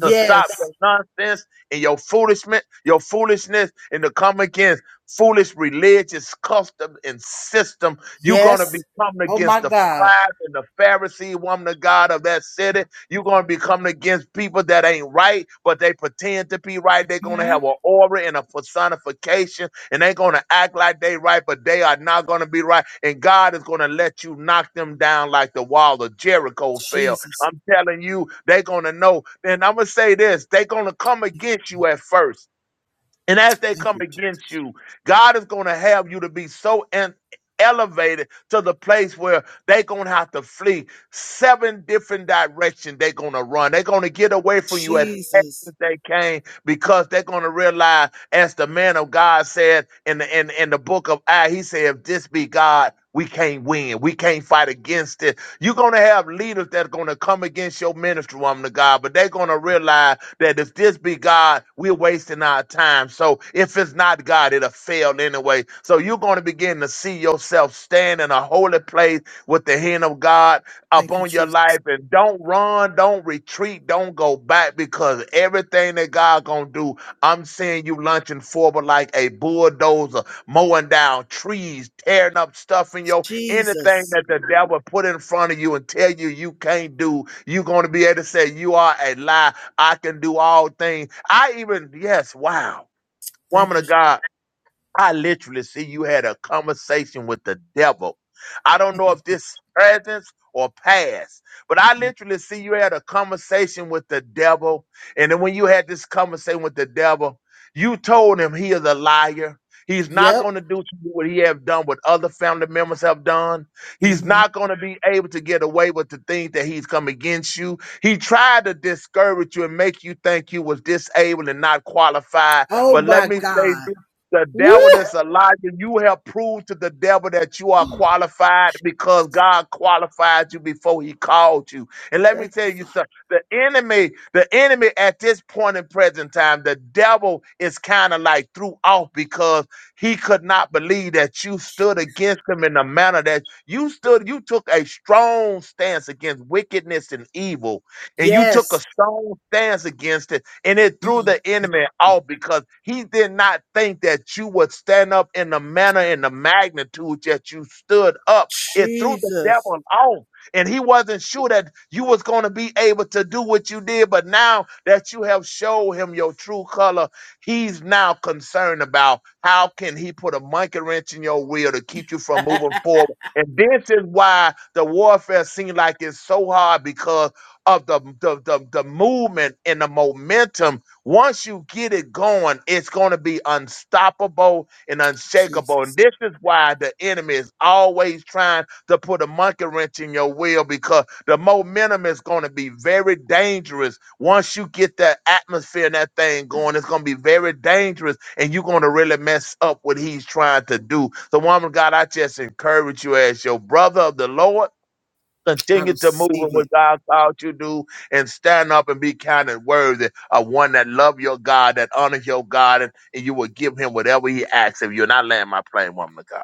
S5: to stop your nonsense and your foolishness, your foolishness, and to come against foolish religious custom and system. You're gonna be coming against the scribe and the Pharisee woman of God of that city. You're gonna be coming against people that ain't right, but they pretend to be right. They're gonna have an aura and a personification, and they're gonna act like they right, but they are not gonna be right. And God is gonna let you knock them down like the wall of Jericho fell I'm telling you, they're gonna know. And I'm gonna say this: they're gonna come against you at first, and as they come against you, God is gonna have you to be so en- elevated to the place where they're gonna have to flee seven different directions. They're gonna run. They're gonna get away from you as fast as they can because they're gonna realize, as the man of God said in the in, in the book of I, he said, "If this be God." We can't win. We can't fight against this you're gonna have leaders that's gonna come against your ministry, woman of God, but they're gonna realize that if this be God, we're wasting our time. So if it's not God, it'll fail anyway. So you're gonna begin to see yourself stand in a holy place with the hand of God upon your life and don't run, don't retreat, don't go back because everything that God gonna do, I'm seeing you lunching forward like a bulldozer, mowing down trees, tearing up stuff in your Anything that the devil put in front of you and tell you you can't do, you're going to be able to say, You are a lie. I can do all things. I even, yes, wow. Woman of God. I literally see you had a conversation with the devil. I don't know if this presence or past, but I literally see you had a conversation with the devil. And then when you had this conversation with the devil, you told him he is a liar. He's not going to do to you what he have done, what other family members have done. He's not going to be able to get away with the things that he's come against you. He tried to discourage you and make you think you was disabled and not qualified. But let me say this. The devil is a liar. You have proved to the devil that you are qualified because God qualified you before he called you. And let me tell you something. The enemy, the enemy at this point in present time, the devil is kind of like threw off because he could not believe that you stood against him in the manner that you stood. You took a strong stance against wickedness and evil, and you took a strong stance against it and it threw the enemy out because he did not think that you would stand up in the manner and the magnitude that you stood up. It threw the devil off, and he wasn't sure that you was going to be able to do what you did. But now that you have showed him your true color, he's now concerned about how can he put a monkey wrench in your wheel to keep you from moving forward. And this is why the warfare seems like it's so hard because of the, the, the, the movement and the momentum, once you get it going, it's going to be unstoppable and unshakable. And this is why the enemy is always trying to put a monkey wrench in your wheel because the momentum is going to be very dangerous. Once you get that atmosphere and that thing going, it's going to be very dangerous and you're going to really mess up what he's trying to do. So, woman, of God, I just encourage you as your brother of the Lord Continue to move in what God called you to do and stand up and be counted worthy of one that love your God, that honors your God, and, and you will give him whatever he asks of you. And I land my plane, woman of God.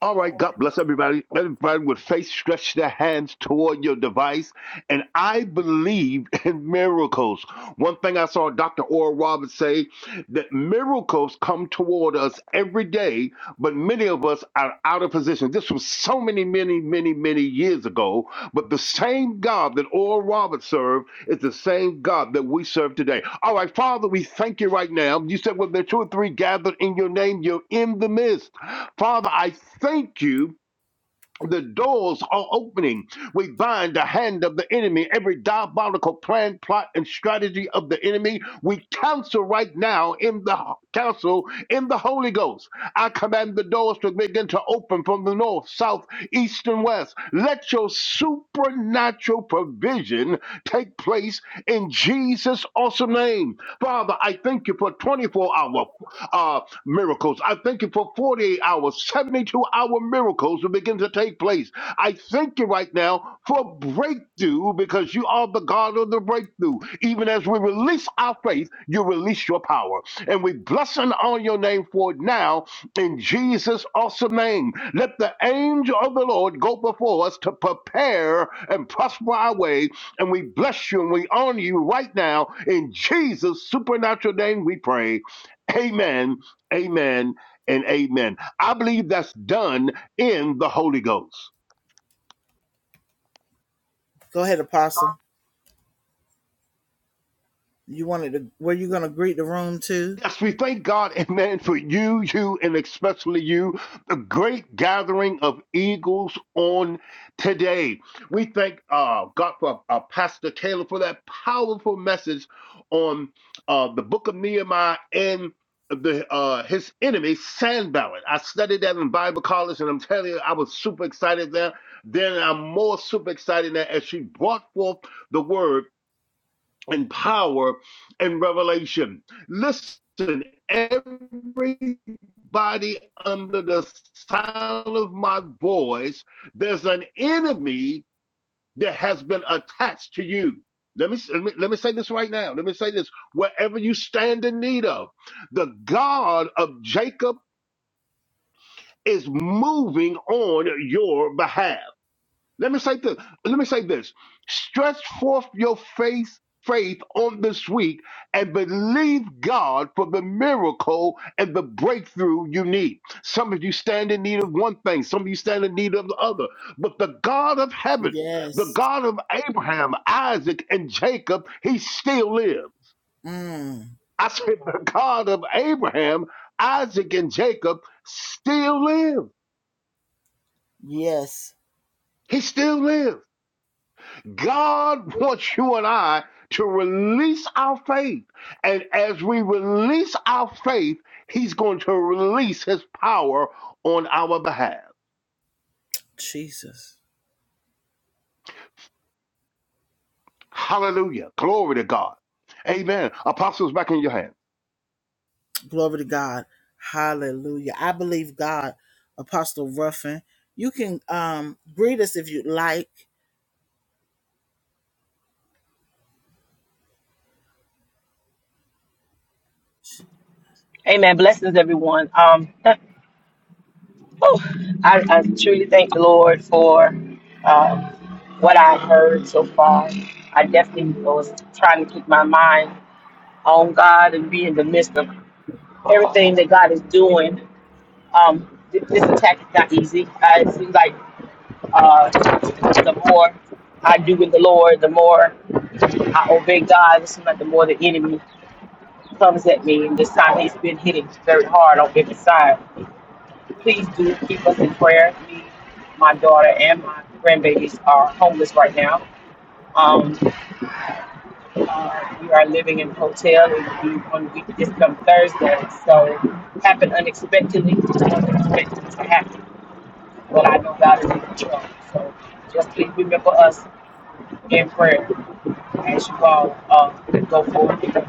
S6: All right, God bless everybody. Everybody with faith, stretch their hands toward your device. And I believe in miracles. One thing I saw Dr. Oral Roberts say that miracles come toward us every day, but many of us are out of position. This was so many, many, many, many years ago. But the same God that Oral Roberts served is the same God that we serve today. All right, Father, we thank you right now. You said, when there are two or three gathered in your name, you're in the midst. Father, I thank you. The doors are opening. We bind the hand of the enemy, every diabolical plan, plot, and strategy of the enemy. We counsel right now in the counsel in the Holy Ghost. I command the doors to begin to open from the north, south, east, and west. Let your supernatural provision take place in Jesus' awesome name. Father, I thank you for 24 hour, uh, miracles. I thank you for 48 hours, 72 hour miracles will begin to take place. I thank you right now for breakthrough because you are the God of the breakthrough. Even as we release our faith, you release your power. And we bless and honor your name for it now in Jesus' awesome name. Let the angel of the Lord go before us to prepare and prosper our way. And we bless you and we honor you right now in Jesus' supernatural name we pray. Amen, amen, and amen. I believe that's done in the Holy Ghost. Yes, we thank God, amen, for you, you, and especially you, the great gathering of eagles on today. We thank uh, God for uh, Pastor Taylor for that powerful message on uh, the book of Nehemiah and the uh, his enemy, Sanballat. I studied that in Bible college, and I'm telling you, I was super excited there. Then I'm more super excited now as she brought forth the word and power and revelation. Listen, everybody under the sound of my voice, there's an enemy that has been attached to you. Let me, let me let me say this right now. Let me say this. Wherever you stand in need of, the God of Jacob is moving on your behalf. Let me say this. Let me say this. Stretch forth your faith, faith on this week and believe God for the miracle and the breakthrough you need. Some of you stand in need of one thing, some of you stand in need of the other. But the God of heaven, the God of Abraham, Isaac, and Jacob, he still lives. I said, the God of Abraham, Isaac, and Jacob still lives. He still lives. God wants you and I to release our faith. And as we release our faith, He's going to release His power on our behalf. Hallelujah. Glory to God. Amen. Apostles, back in your hands.
S7: Amen. Blessings, everyone. Um, whew, I, I truly thank the Lord for um, what I heard so far. I definitely was trying to keep my mind on God and be in the midst of everything that God is doing. Um, th- this attack is not easy. Uh, it seems like uh, the more I do with the Lord, the more I obey God. It seems like the more the enemy comes at me. And this time he's been hitting very hard on every side. Please do keep us in prayer. Me, my daughter, and my grandbabies are homeless right now. Um, uh, we are living in a hotel. It will be one week this come Thursday. So happened unexpectedly. Just wasn't expecting to happen. But I know God is in control. So just please remember us in prayer as you all uh, go forward in the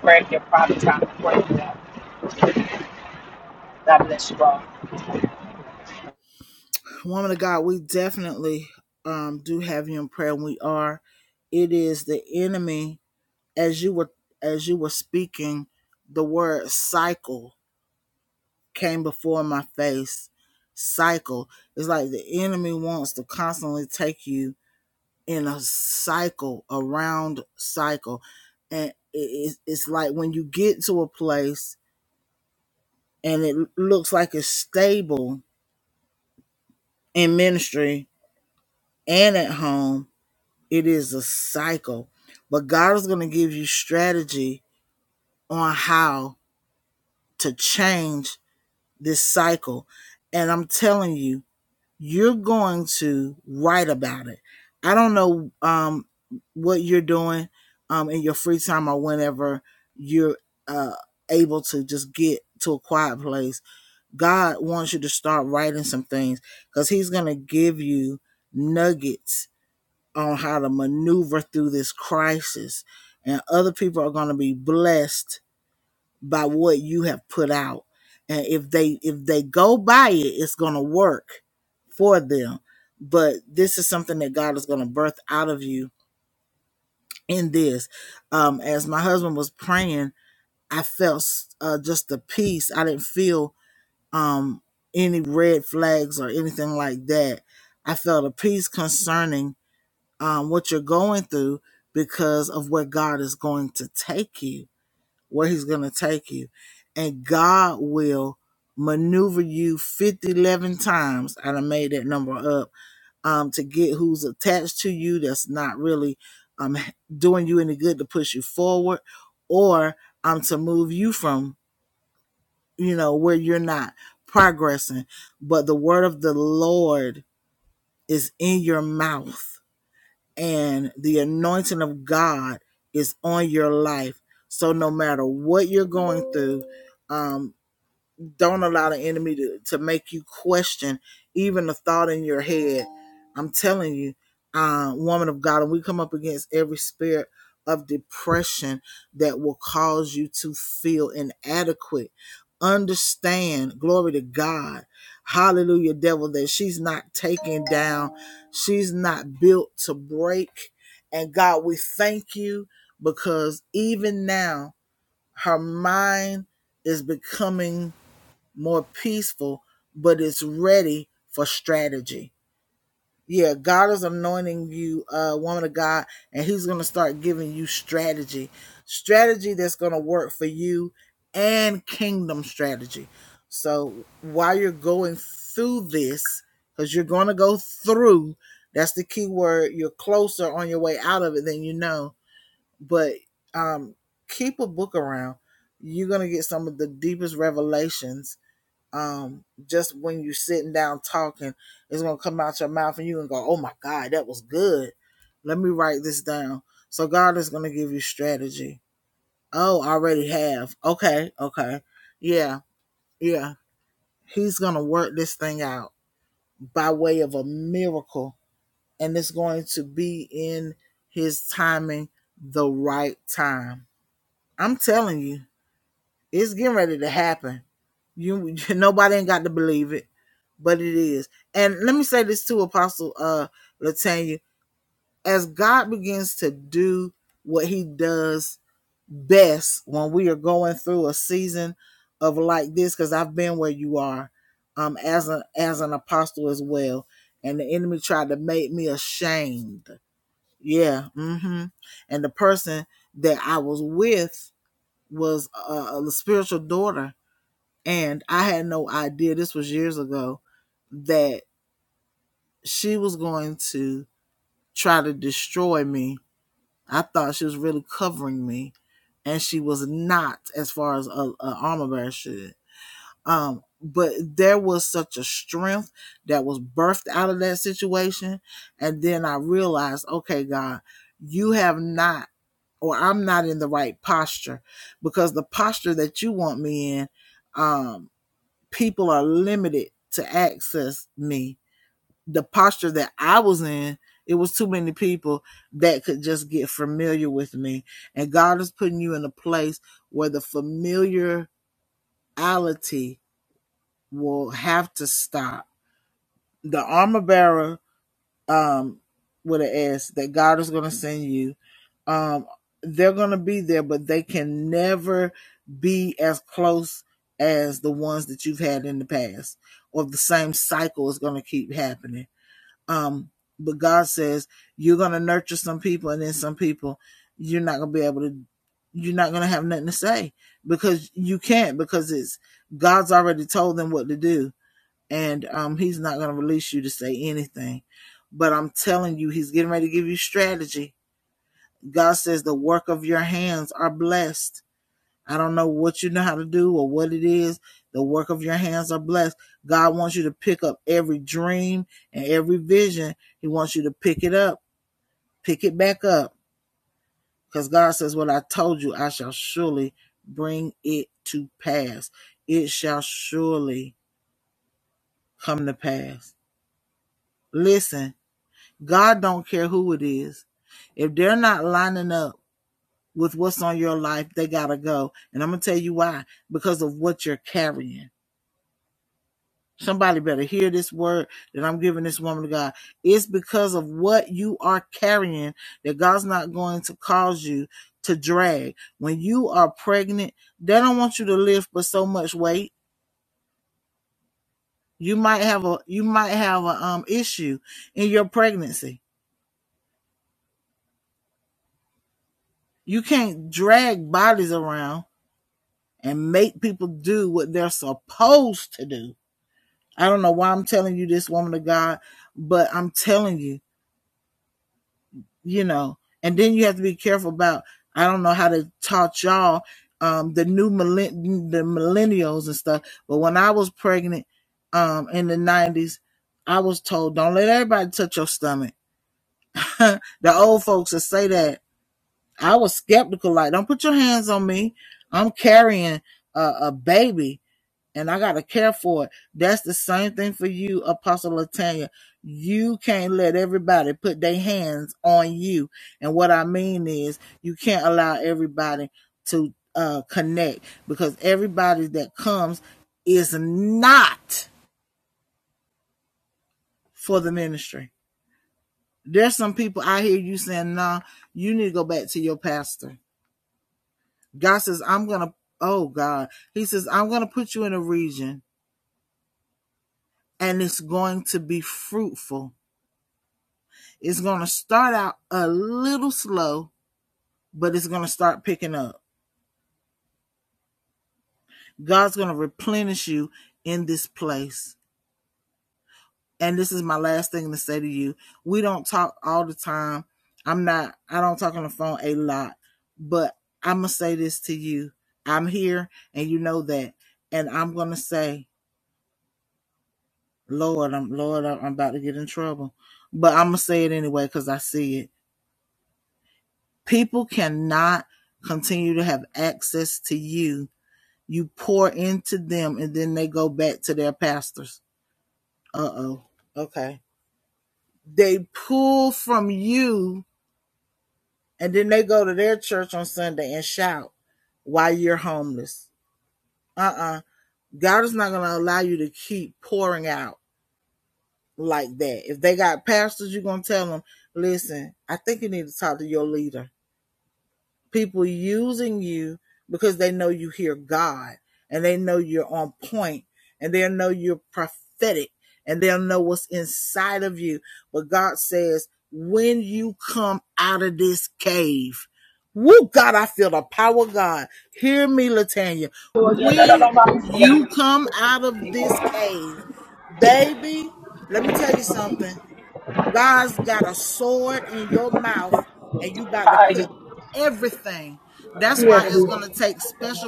S7: prayer in your private time to pray for that. God bless you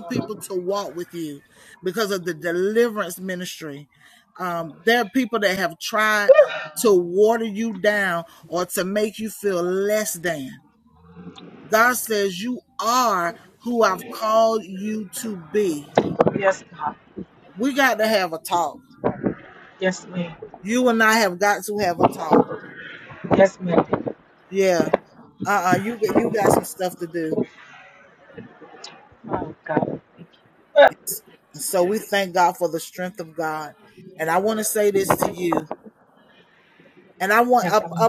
S7: all. Yes, God. Yes, ma'am. Yes, ma'am. Oh, God. Thank you. Ah, Yes, ma'am.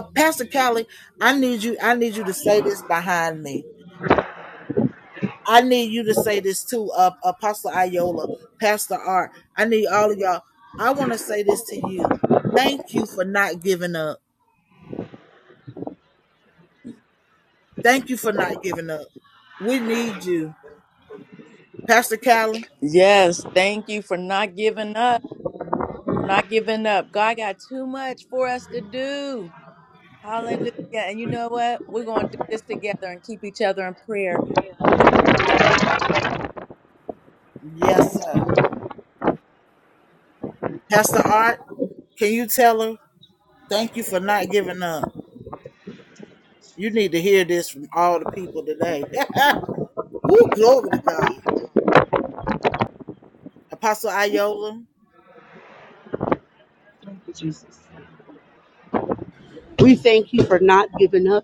S2: Yes, thank you for not giving up. We're not giving up. God got too much for us to do. Hallelujah. And you know what? We're going to do this together and keep each other in prayer.
S7: Thank you, Jesus.
S3: We thank you for not giving up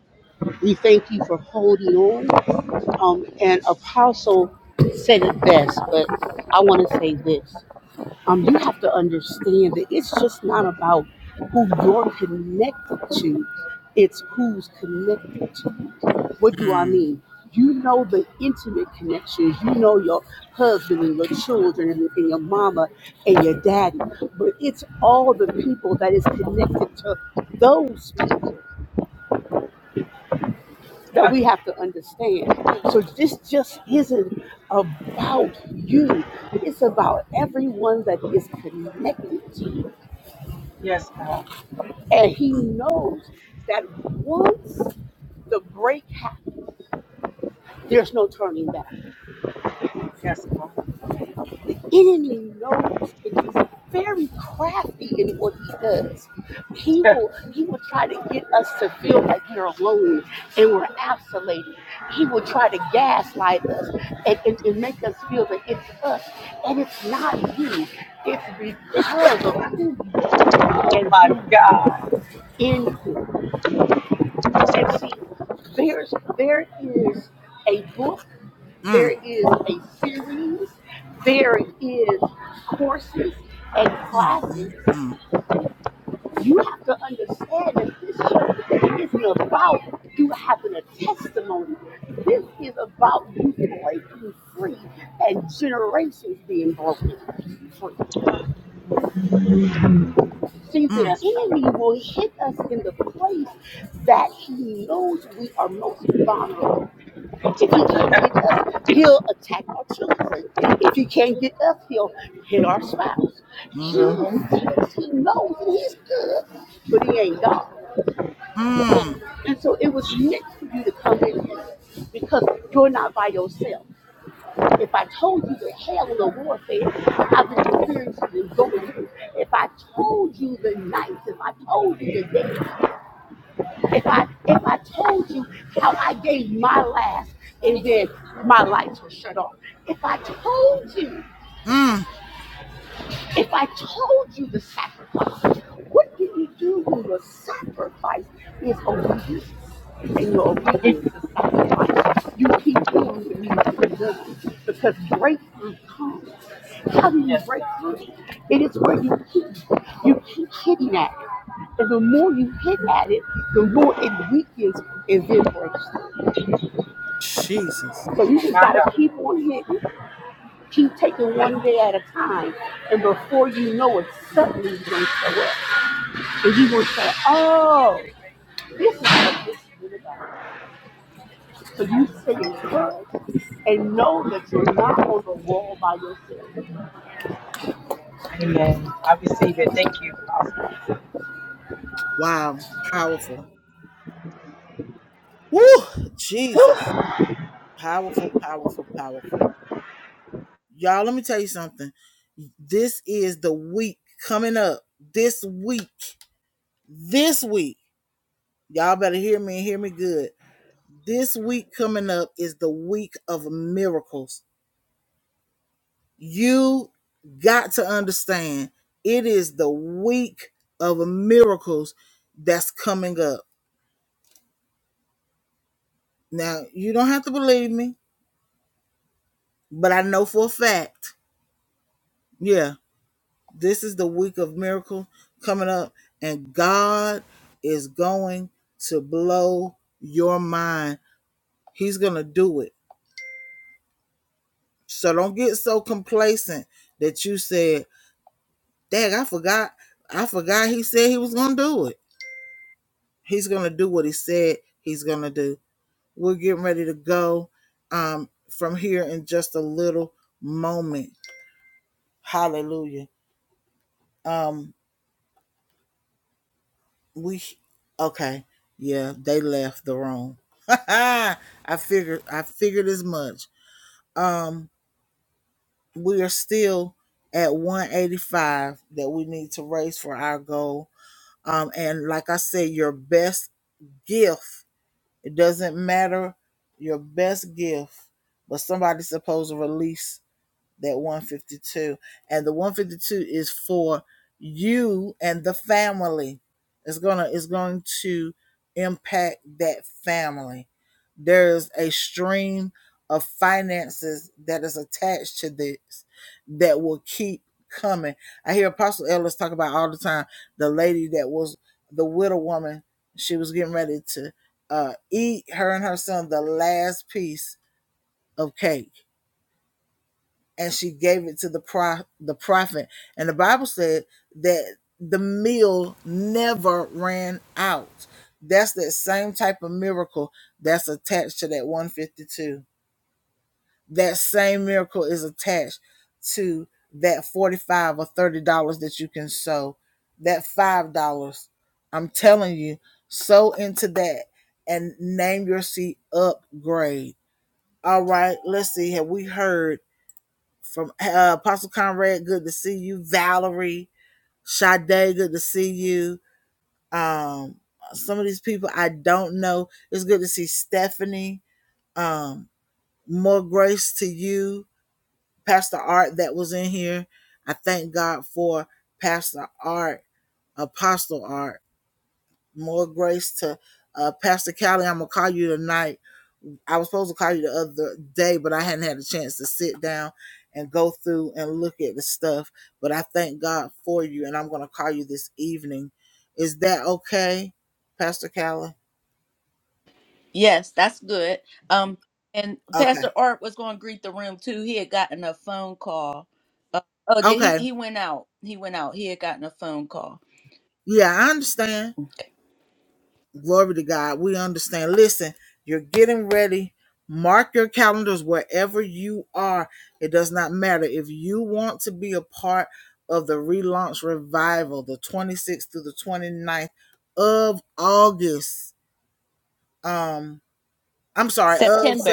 S3: We thank you for holding on. Um, and Apostle said it best, but I want to say this. Um, you have to understand that it's just not about who you're connected to, it's who's connected to you. What do I mean? You know the intimate connections. You know your husband and your children and, and your mama and your daddy, but it's all the people that is connected to those people that we have to understand. So this just isn't about you. It's about everyone that is connected to you.
S7: Yes, God.
S3: And he knows that once the break happens, there's no turning back.
S7: Yes, God.
S3: enemy knows and he's very crafty in what he does. He will he will try to get us to feel like we're alone and we're isolated. He will try to gaslight us and, and, and make us feel that it's us and it's not you. It's because of who you are and
S7: My
S3: whose you are
S7: God.
S3: in him. And see, there's there is a book, there is a series, there is courses and classes. You have to understand that this just isn't about you having a testimony. This is about you breaking free and generations being broken free. See, the enemy will hit us in the place that he knows we are most vulnerable If he can't get us, he'll attack our children. If he can't get us, he'll hit our spouse. He thinks he knows and he's good, but he ain't God. And so it was meant for you to come in here because you're not by yourself. If I told you the hell of warfare that I've been experiencing and going through, if I told you the nights, if I told you the days. If I if I told you how I gave my last and then my lights were shut off. If I told you if I told you the sacrifices, what do you do when your sacrifice is obedience and your obedience is sacrifice? You keep doing what needs to be done because breakthrough comes. How do you
S7: Yes,
S3: break
S7: God.
S3: through? It is where you keep you keep hitting at it. And the more you hit at it, the more it weakens and then breaks through. So you just
S7: My
S3: gotta
S7: God.
S3: keep on hitting, keep taking one day at a time, and before you know it, suddenly you're gonna show up. And you will say, oh, this is what this is really about. So you stay encouraged and know that you're not on the wall by yourself.
S7: Amen. I receive it. Thank you. Father.
S2: Yes, that's good. Um, and Pastor Art was going to greet the room too. He had gotten a phone call. Uh, oh, did he? He went out. He went out. He had gotten a phone call.
S4: September.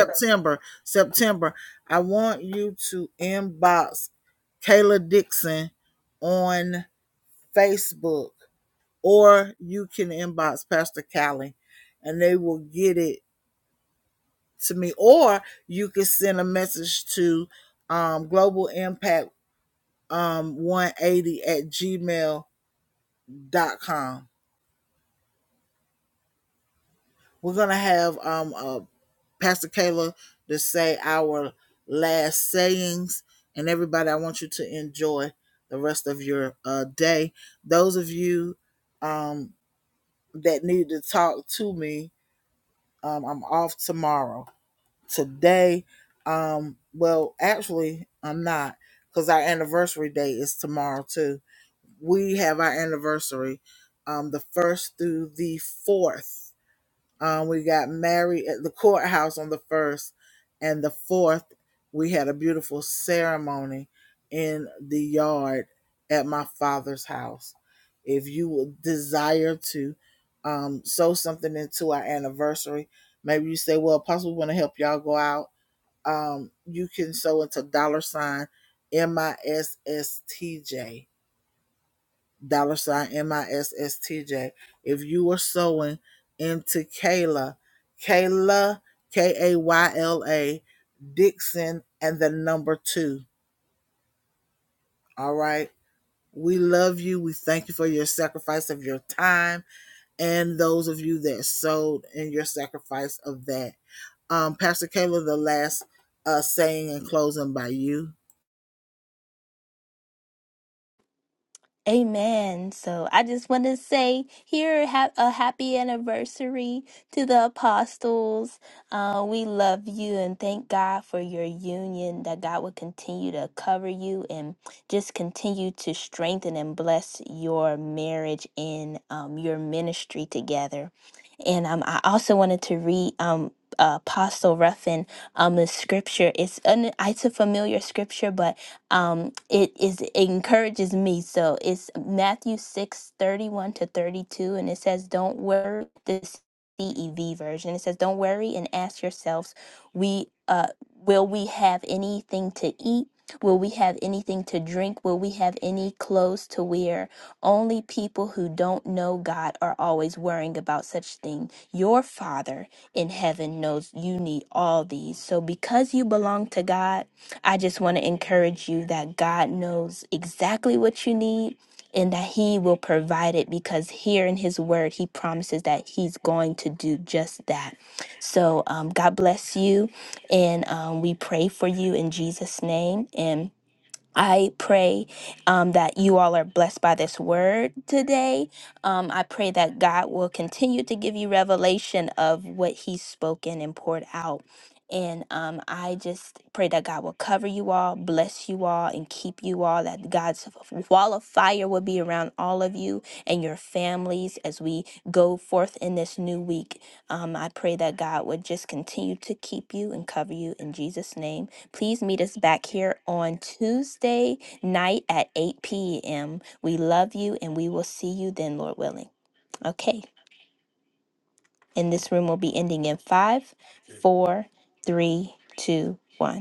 S4: Amen. So I just want to say here ha- a happy anniversary to the apostles. Uh, we love you and thank God for your union, that God will continue to cover you and just continue to strengthen and bless your marriage and um, your ministry together. And um, I also wanted to read um, Apostle Ruffin um, the scripture. It's, an, it's a familiar scripture, but um, it is it encourages me. So it's Matthew six thirty one to 32, and it says, Don't worry, this CEV version. It says, Don't worry and ask yourselves, we uh, will we have anything to eat? Will we have anything to drink? Will we have any clothes to wear? Only people who don't know God are always worrying about such things. Your Father in heaven knows you need all these. So because you belong to God, I just want to encourage you that God knows exactly what you need and that He will provide it because here in His Word, He promises that He's going to do just that. So, um, God bless you, and um, we pray for you in Jesus' name. And I pray um, that you all are blessed by this word today. Um, I pray that God will continue to give you revelation of what He's spoken and poured out. And um, I just pray that God will cover you all, bless you all, and keep you all, that God's wall of fire will be around all of you and your families as we go forth in this new week um, I pray that God would just continue to keep you and cover you in Jesus' name. Please meet us back here on Tuesday night at 8 p.m. We love you and we will see you then, Lord willing. Okay. And this room will be ending in five, four, three, two, one.